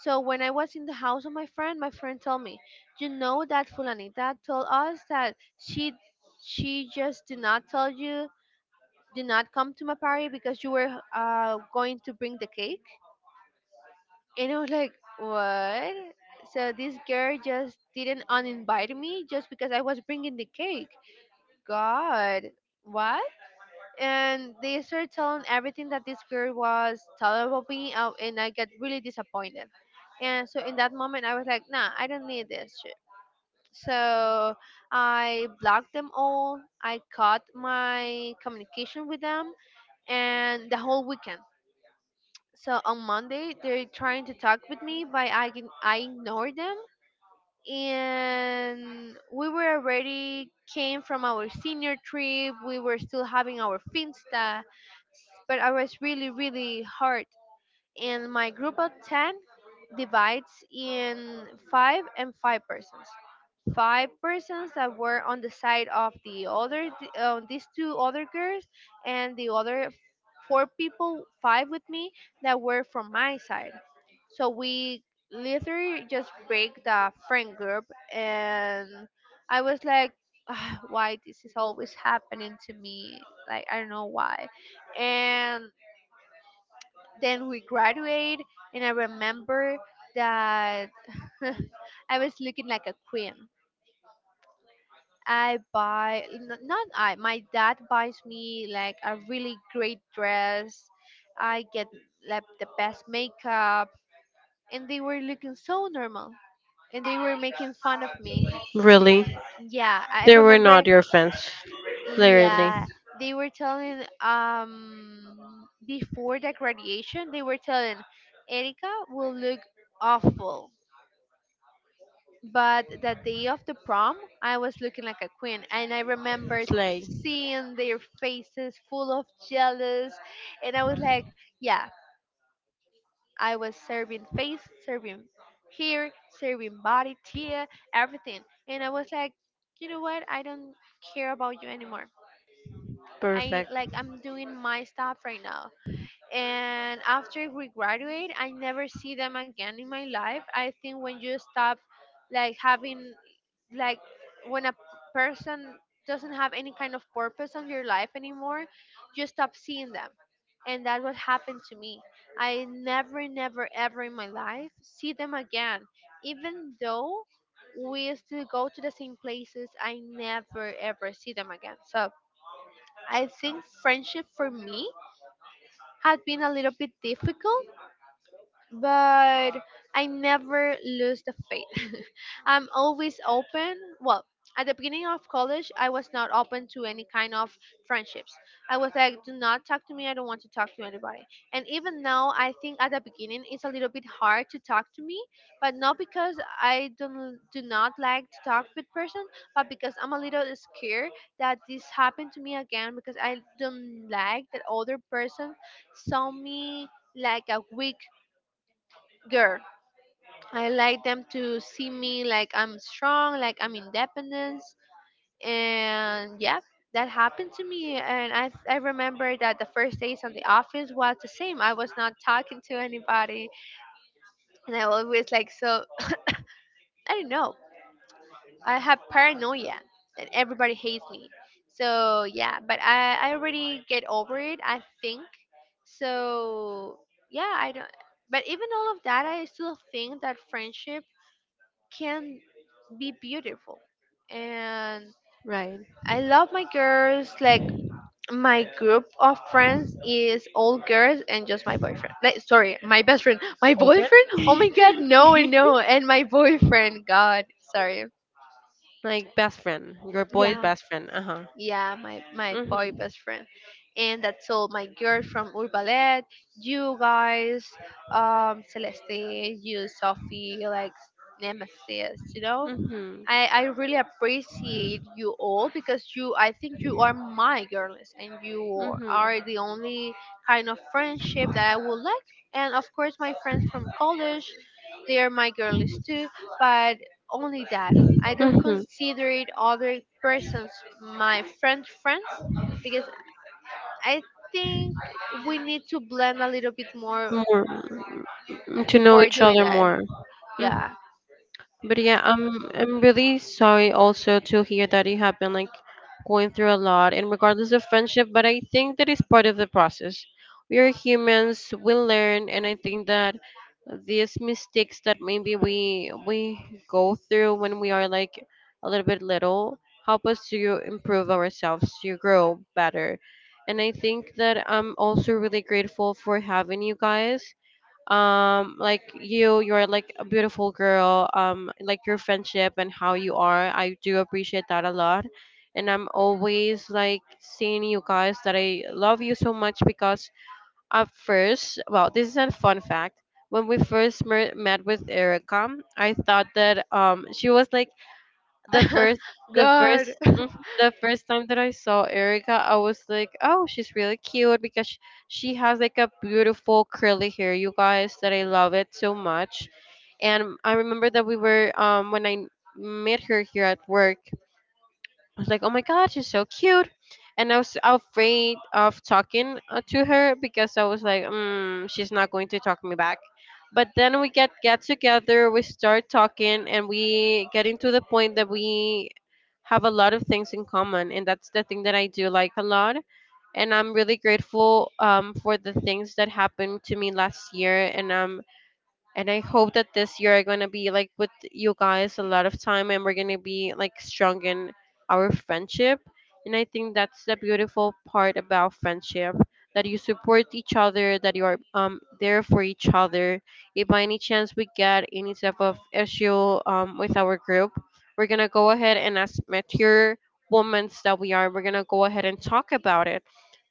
[SPEAKER 1] So when I was in the house of my friend told me, "You know that Fulanita told us that she just did not tell you, did not come to my party because you were going to bring the cake?" And I was like, "What? So this girl just didn't uninvite me just because I was bringing the cake? God, what?" And they started telling everything that this girl was telling about me, and I got really disappointed. And so in that moment, I was like, "Nah, I don't need this shit." So I blocked them all. I cut my communication with them, and the whole weekend. So on Monday, they're trying to talk with me, but I ignore them. And we were already came from our senior trip. We were still having our finsta, but I was really really hurt, and my group of 10 divides in five and five persons, five persons that were on the side of the other, these two other girls, and the other four people, five with me, that were from my side. So we literally just break the friend group. And I was like, "Ah, why this is always happening to me? Like, I don't know why." And then we graduate, and I remember that I was looking like a queen. Not I, my dad buys me like a really great dress. I get like the best makeup, and they were looking so normal, and they were making fun of me.
[SPEAKER 2] Really?
[SPEAKER 1] Yeah, I
[SPEAKER 2] They were
[SPEAKER 1] remember.
[SPEAKER 2] not your friends. Literally.
[SPEAKER 1] Yeah, they were telling before the graduation, they were telling, "Erica will look awful." But the day of the prom, I was looking like a queen, and I remember
[SPEAKER 2] Slay.
[SPEAKER 1] seeing their faces full of jealous. And I was like, yeah, I was serving face, serving here, serving body tear, everything. And I was like, "You know what? I don't care about you anymore. I,
[SPEAKER 2] Perfect.
[SPEAKER 1] like, I'm doing my stuff right now." And after we graduate, I never see them again in my life. I think when you stop like having, like, when a person doesn't have any kind of purpose on your life anymore, you stop seeing them. And that's what happened to me. I never, never ever in my life see them again. Even though we still go to the same places, I never ever see them again. So I think friendship for me had been a little bit difficult, but I never lose the faith. I'm always open. Well, at the beginning of college, I was not open to any kind of friendships. I was like, "Do not talk to me. I don't want to talk to anybody." And even now, I think at the beginning, it's a little bit hard to talk to me, but not because I don't, do not like to talk with person, but because I'm a little scared that this happened to me again, because I don't like that other person saw me like a weak girl. I like them to see me like I'm strong, like I'm independent, and yeah, that happened to me. And I remember that the first days on the office was the same. I was not talking to anybody, and I always like, so I don't know. I have paranoia, and everybody hates me. So yeah, but I already get over it, I think so. Yeah, I don't. But even all of that, I still think that friendship can be beautiful. And
[SPEAKER 2] Right.
[SPEAKER 1] I love my girls. Like, my group of friends is all girls and just my boyfriend. Like, sorry, my best friend. My
[SPEAKER 2] Boyfriend?
[SPEAKER 1] boyfriend? Oh my god, no, no. And my boyfriend, god, sorry.
[SPEAKER 2] Like best friend. Your boy's
[SPEAKER 1] Yeah.
[SPEAKER 2] best friend. Uh huh.
[SPEAKER 1] Yeah, my boy
[SPEAKER 2] Mhm.
[SPEAKER 1] best friend. And that's all my girls from Urbalet, you guys, um, Celeste, you, Sophie, like, Nemesis, you know?
[SPEAKER 2] Mhm.
[SPEAKER 1] I really appreciate you all, because you, I think you are my girlies, and you
[SPEAKER 2] Mhm.
[SPEAKER 1] are the only kind of friendship that I would like. And of course, my friends from college, they are my girlies too, but only that. I don't
[SPEAKER 2] Mhm.
[SPEAKER 1] consider it other persons my friend friends, because I think we need to blend a little bit more
[SPEAKER 2] More to know
[SPEAKER 1] before
[SPEAKER 2] each
[SPEAKER 1] doing
[SPEAKER 2] other
[SPEAKER 1] that.
[SPEAKER 2] more. Hmm.
[SPEAKER 1] Yeah.
[SPEAKER 2] But yeah, I'm really sorry also to hear that you have been like going through a lot and regardless of friendship, but I think that is part of the process. We are humans, we learn, and I think that these mistakes that maybe we go through when we are like a little bit little help us to improve ourselves, to grow better. And I think that I'm also really grateful for having you guys, like you, you're like a beautiful girl, like your friendship and how you are, I do appreciate that a lot. And I'm always like saying you guys that I love you so much, because at first, well, this is a fun fact, when we first met with Erica, I thought that she was like the first, the first,
[SPEAKER 1] God.
[SPEAKER 2] mhm, the first time that I saw Erica, I was like, "Oh, she's really cute because she has like a beautiful curly hair, you guys, that I love it so much." And I remember that we were when I met her here at work, I was like, "Oh my god, she's so cute," and I was afraid of talking to her because I was like, mm, "She's not going to talk me back." But then we get together, we start talking, and we getting to the point that we have a lot of things in common, and that's the thing that I do like a lot. And I'm really grateful for the things that happened to me last year, and I'm, and I hope that this year I'm gonna be like with you guys a lot of time, and we're gonna be like strong in our friendship. And I think that's the beautiful part about friendship, that you support each other, that you are there for each other. If by any chance we get any type of issue with our group, we're gonna go ahead and as mature women that we are, we're gonna go ahead and talk about it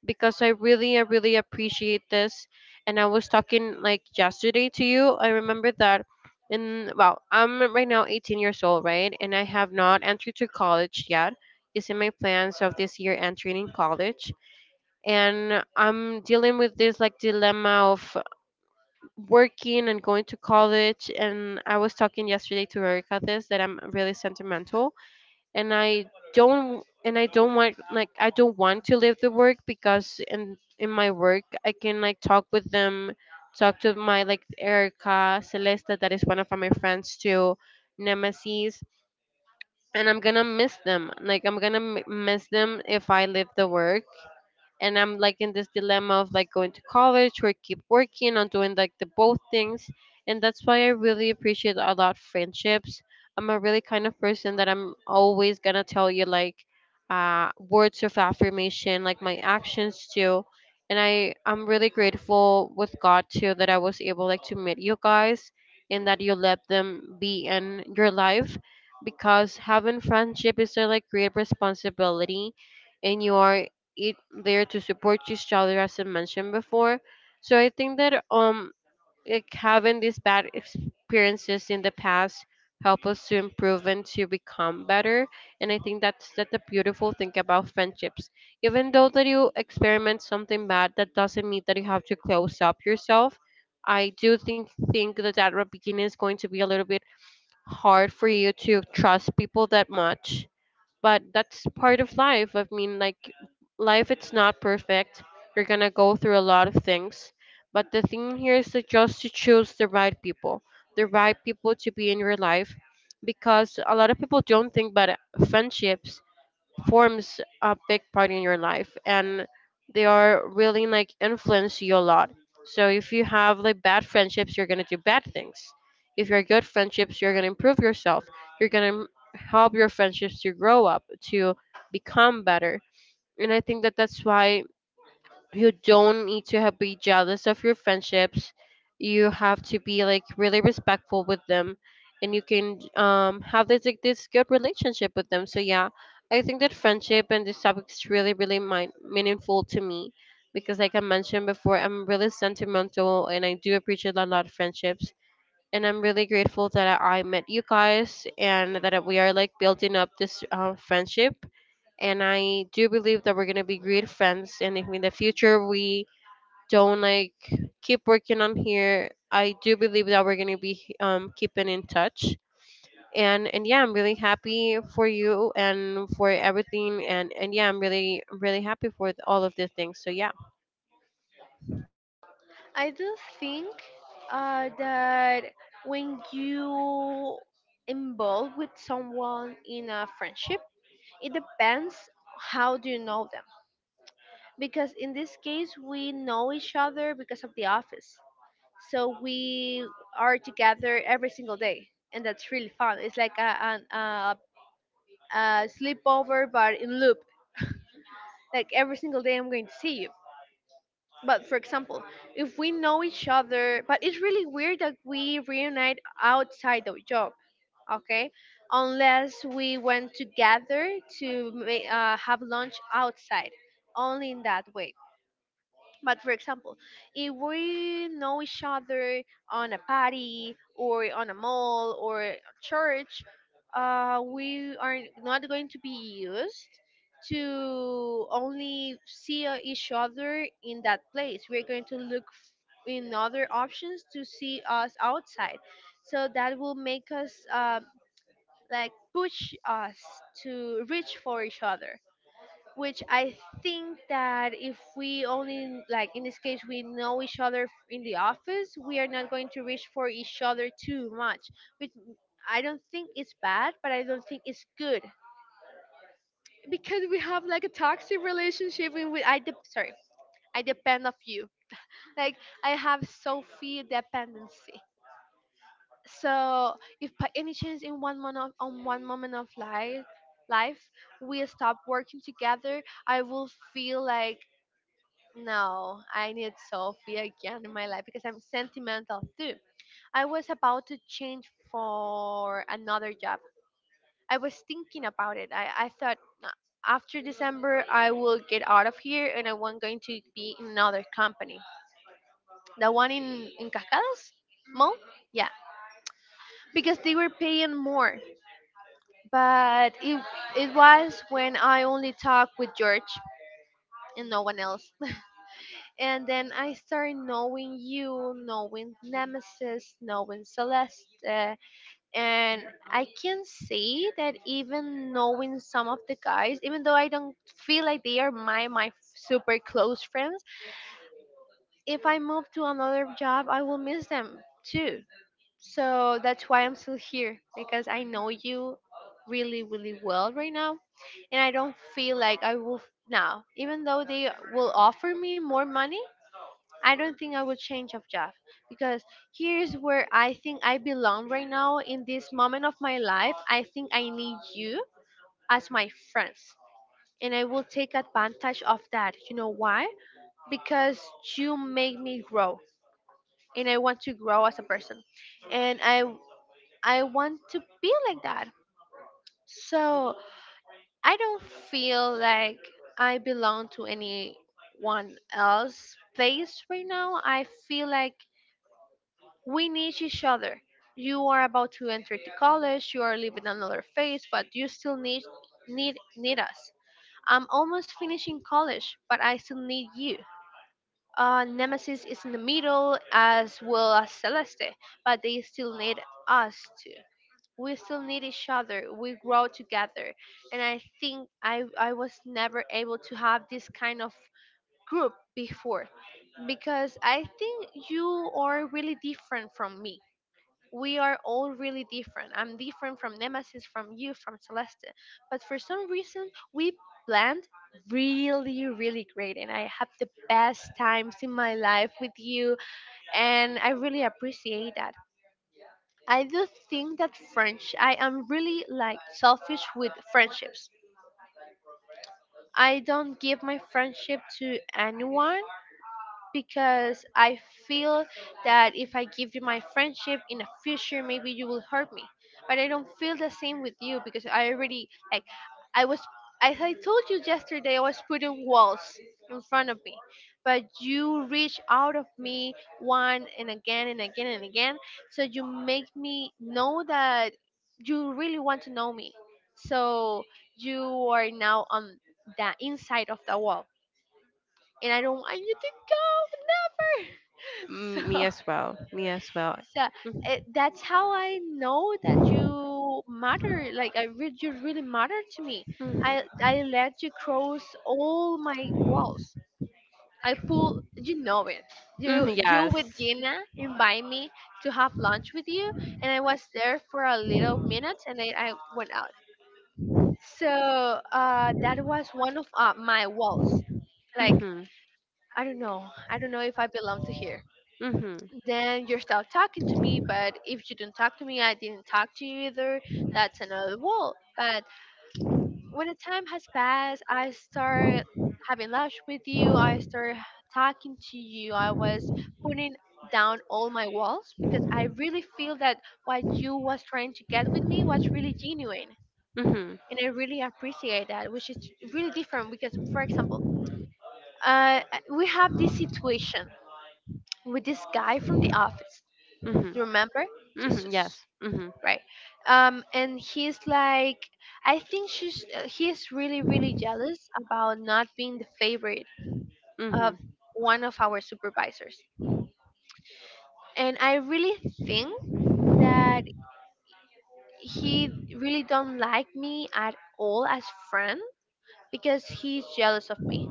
[SPEAKER 2] because I really appreciate this. And I was talking like yesterday to you. I remember that. I'm right now 18 years old, right? And I have not entered to college yet. It's in my plans of this year entering in college. And I'm dealing with this like dilemma of working and going to college. And I was talking yesterday to Erica this that I'm really sentimental and I and I don't want I don't want to leave the work because in my work I can like talk with them, talk to my like Erica, Celeste that is one of my friends too, Nemesis, and I'm gonna miss them. Like I'm gonna miss them if I leave the work and I'm like in this dilemma of like going to college or keep working on doing like the both things. And that's why I really appreciate a lot friendships. I'm a really kind of person that I'm always gonna tell you words of affirmation, like my actions too. And I'm really grateful with God too that I was able like to meet you guys and that you let them be in your life because having friendship is a like great responsibility and you are it there to support each other as I mentioned before. So I think that like having these bad experiences in the past help us to improve and to become better. And I think that's that the beautiful thing about friendships. Even though that you experiment something bad, that doesn't mean that you have to close up yourself. I do think that that beginning is going to be a little bit hard for you to trust people that much, but that's part of life. I mean, like, life, it's not perfect. You're gonna go through a lot of things. But the thing here is that just to choose the right people to be in your life, because a lot of people don't think about friendships forms a big part in your life, and they are really like influence you a lot. So if you have like bad friendships, you're going to do bad things. If you're good friendships, you're going to improve yourself. You're going to help your friendships to grow up to become better. And I think that that's why you don't need to be jealous of your friendships. You have to be like really respectful with them, and you can have this like this good relationship with them. So yeah, I think that friendship and this topic is really really meaningful to me because like I mentioned before, I'm really sentimental and I do appreciate a lot of friendships. And I'm really grateful that I met you guys and that we are like building up this friendship, and I do believe that we're gonna be great friends. And if in the future we don't like keep working on here, I do believe that we're gonna be keeping in touch. And yeah, I'm really happy for you and for everything. And yeah, I'm really really happy for all of the things. So yeah,
[SPEAKER 1] I do think that when you involve with someone in a friendship, it depends how do you know them. Because in this case, we know each other because of the office, so we are together every single day, and that's really fun. It's like a, an a sleepover, but in loop. Like every single day, I'm going to see you. But for example, if we know each other, but it's really weird that we reunite outside the job, okay, unless we went together to have lunch outside, only in that way. But for example, if we know each other on a party or on a mall or a church, we are not going to be used to only see each other in that place. We're going to look in other options to see us outside. So that will make us like push us to reach for each other, which I think that if we only, like in this case we know each other in the office, we are not going to reach for each other too much. Which I don't think it's bad, but I don't think it's good, because we have like a toxic relationship. In which sorry, I depend of you. Like, I have Sophie dependency. So if by any chance in one moment of, on one moment of life we stop working together, I will feel like, "No, I need Sophie again in my life," because I'm sentimental too. I was about to change for another job. I was thinking about it. I thought, "Nah, after December I will get out of here, and I want going to be in another company." The one in, Cascadas? Mall? Yeah. Because they were paying more. But it was when I only talked with George and no one else. And then I started knowing you, knowing Nemesis, knowing Celeste, and I can say that even knowing some of the guys, even though I don't feel like they are my super close friends, if I move to another job, I will miss them too. So that's why I'm still here, because I know you really really well right now, and I don't feel like I will now, even though they will offer me more money, I don't think I would change of job, because here's where I think I belong right now in this moment of my life. I think I need you as my friends. And I will take advantage of that. You know why? Because you make me grow, and I want to grow as a person. And I want to be like that. So I don't feel like I belong to anyone one else place right now. I feel like we need each other. You are about to enter the college, you are living another phase, but you still need us. I'm almost finishing college, but I still need you. Nemesis is in the middle as well as Celeste, but they still need us too. We still need each other. We grow together, and I think I was never able to have this kind of group before because I think you are really different from me. We are all really different. I'm different from Nemesis, from you, from Celeste. But for some reason, we planned really, really great. And I have the best times in my life with you. And I really appreciate that. I do think that French, I am really like selfish with friendships. I don't give my friendship to anyone because I feel that if I give you my friendship in the future, maybe you will hurt me. But I don't feel the same with you because I already like I was, as I told you yesterday, I was putting walls in front of me, but you reach out of me one and again and again and again. So you make me know that you really want to know me. So you are now on the inside of the wall, and I don't want you to go never. So
[SPEAKER 2] me as well, me as well.
[SPEAKER 1] so
[SPEAKER 2] Mhm.
[SPEAKER 1] that's how I know that you matter. Like you really matter to me. I let you cross all my
[SPEAKER 2] Mhm.
[SPEAKER 1] walls. I pull you know it. You
[SPEAKER 2] Mm,
[SPEAKER 1] you
[SPEAKER 2] yes.
[SPEAKER 1] with Gina invite me to have lunch with you, and I was there for a little minute, and then I went out. So that was one of my walls. Like
[SPEAKER 2] Mhm.
[SPEAKER 1] I don't know. I don't know if I belong to here.
[SPEAKER 2] Mhm.
[SPEAKER 1] Then you're still talking to me, but if you don't talk to me, I didn't talk to you either. That's another wall, but when the time has passed, I start having lunch with you, I start talking to you, I was putting down all my walls because I really feel that what you was trying to get with me was really genuine,
[SPEAKER 2] Mhm.
[SPEAKER 1] and I really appreciate that, which is really different because, for example, uh, we have this situation with this guy from the office. Do
[SPEAKER 2] Mhm.
[SPEAKER 1] you remember?
[SPEAKER 2] Mhm.
[SPEAKER 1] Jesus,
[SPEAKER 2] Yes. Mhm.
[SPEAKER 1] right. And he's like, I think she's he's really, really jealous about not being the favorite of
[SPEAKER 2] Mhm.
[SPEAKER 1] one of our supervisors. And I really think that he really don't like me at all as friend because he's jealous of me.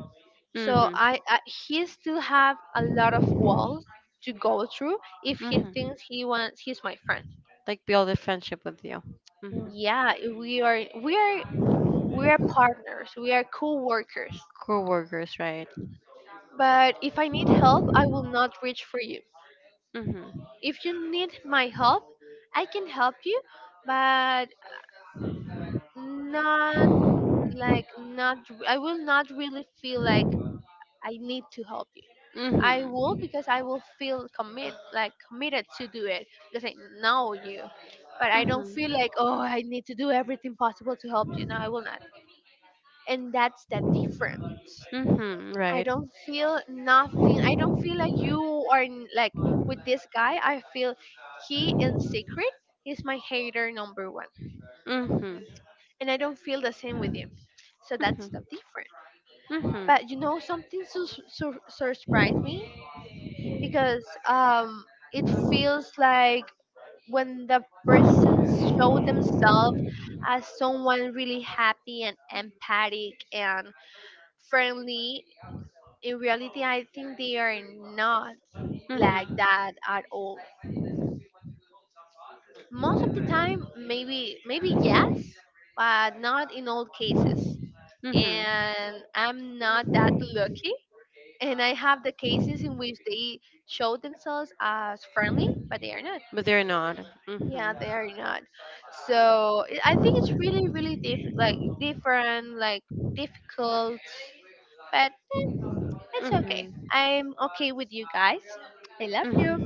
[SPEAKER 2] Mhm.
[SPEAKER 1] I he still have a lot of walls to go through if he
[SPEAKER 2] Mhm.
[SPEAKER 1] thinks he wants he's my friend.
[SPEAKER 2] Like build a friendship with you. Mhm.
[SPEAKER 1] Yeah, we are we are partners, we are co-workers.
[SPEAKER 2] Co-workers, right?
[SPEAKER 1] But if I need help, I will not reach for you.
[SPEAKER 2] Mhm.
[SPEAKER 1] If you need my help, I can help you, but not, like, not, I will not really feel like I need to help you. I
[SPEAKER 2] Mhm.
[SPEAKER 1] will, because I will feel commit, like committed to do it, because I know you. But I don't feel
[SPEAKER 2] Mhm.
[SPEAKER 1] like, oh, I need to do everything possible to help you. No, I will not. And that's the difference.
[SPEAKER 2] Mm-hmm,
[SPEAKER 1] I
[SPEAKER 2] right.
[SPEAKER 1] don't feel nothing. I don't feel like you like with this guy. I feel he in secret is my hater number one,
[SPEAKER 2] Mm-hmm.
[SPEAKER 1] and I don't feel the same with you. So that's
[SPEAKER 2] Mm-hmm.
[SPEAKER 1] the difference.
[SPEAKER 2] Mm-hmm. Mm-hmm.
[SPEAKER 1] But you know something so, so, so surprised me because it feels like when the person show themselves as someone really happy and empathic and friendly, in reality I think they are not like that at all. Most of the time, maybe maybe yes, but not in all cases.
[SPEAKER 2] Mm-hmm.
[SPEAKER 1] And I'm not that lucky. And I have the cases in which they show themselves as friendly, but they are not.
[SPEAKER 2] But they're not.
[SPEAKER 1] Yeah,
[SPEAKER 2] Mm-hmm.
[SPEAKER 1] they are not. I think it's really, really like different, like difficult, but it's okay.
[SPEAKER 2] Mm-hmm.
[SPEAKER 1] I'm okay with you guys. I love you.
[SPEAKER 2] Mm-hmm.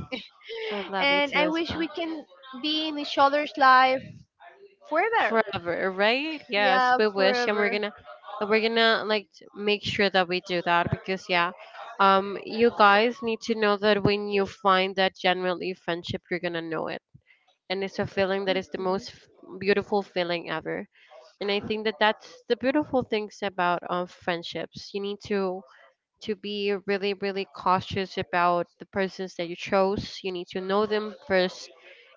[SPEAKER 2] I love you
[SPEAKER 1] And
[SPEAKER 2] too
[SPEAKER 1] I
[SPEAKER 2] as
[SPEAKER 1] wish
[SPEAKER 2] well.
[SPEAKER 1] we can be in each other's life forever.
[SPEAKER 2] Forever, right? Yes,
[SPEAKER 1] Yeah,
[SPEAKER 2] we wish, and we're
[SPEAKER 1] forever.
[SPEAKER 2] gonna. We're gonna like make sure that we do that because yeah, you guys need to know that when you find that genuinely friendship, you're gonna know it, and it's a feeling that is the
[SPEAKER 1] hmm
[SPEAKER 2] most beautiful feeling ever. And I think that that's the beautiful things about friendships. You need to be really really cautious about the persons that you chose. You need to know them first,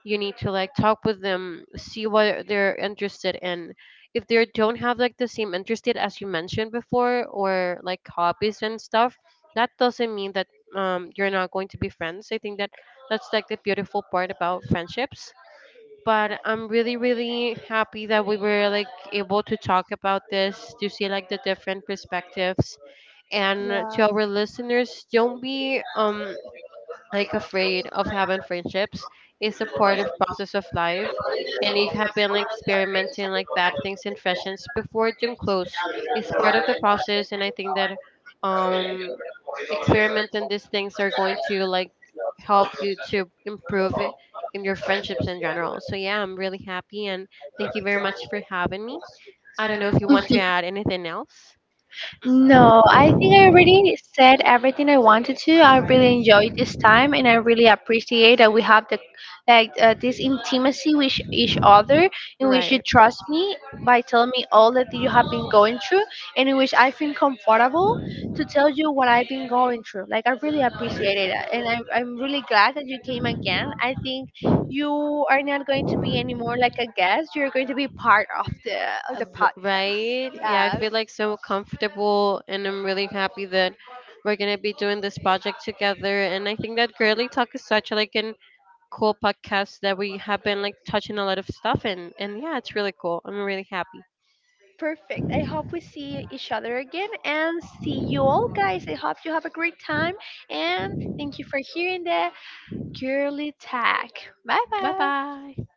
[SPEAKER 2] you need to like talk with them, see what they're interested in. If they don't have like the same interested as you mentioned before or like hobbies and stuff, that doesn't mean that you're not going to be friends. I think that that's like the beautiful part about friendships, but I'm really really happy that we were like able to talk about this, to see like the different perspectives. And
[SPEAKER 1] Yeah.
[SPEAKER 2] to our listeners, don't be like afraid of having friendships. Is a part of process of life, and if have been like experimenting like that things in fashions before gym clothes is part of the process. And I think that um experimenting these things are going to like help you to improve in your friendships in general. So yeah, I'm really happy, and thank you very much for having me. I don't know if you want
[SPEAKER 1] Mm-hmm.
[SPEAKER 2] to add anything else,
[SPEAKER 1] No, I think I already said everything I wanted to. I really enjoyed this time, and I really appreciate that we have the like this intimacy with each other, in which you
[SPEAKER 2] right?
[SPEAKER 1] trust me by telling me all that you have been going through, and in which I feel comfortable to tell you what I've been going through. Like I really appreciate it, and I'm really glad that you came again. I think you are not going to be anymore like a guest. You're going to be part of the podcast.
[SPEAKER 2] Right? Yeah, I
[SPEAKER 1] Yeah.
[SPEAKER 2] feel like so comfortable, and I'm really happy that we're gonna be doing this project together. And I think that girly talk is such like an cool podcast, that we have been like touching a lot of stuff, and yeah, it's really cool. I'm really happy.
[SPEAKER 1] Perfect. I hope we see each other again, and see you all, guys. I hope you have a great time and thank you for hearing the girly tag. Bye
[SPEAKER 2] Bye
[SPEAKER 1] bye.
[SPEAKER 2] bye.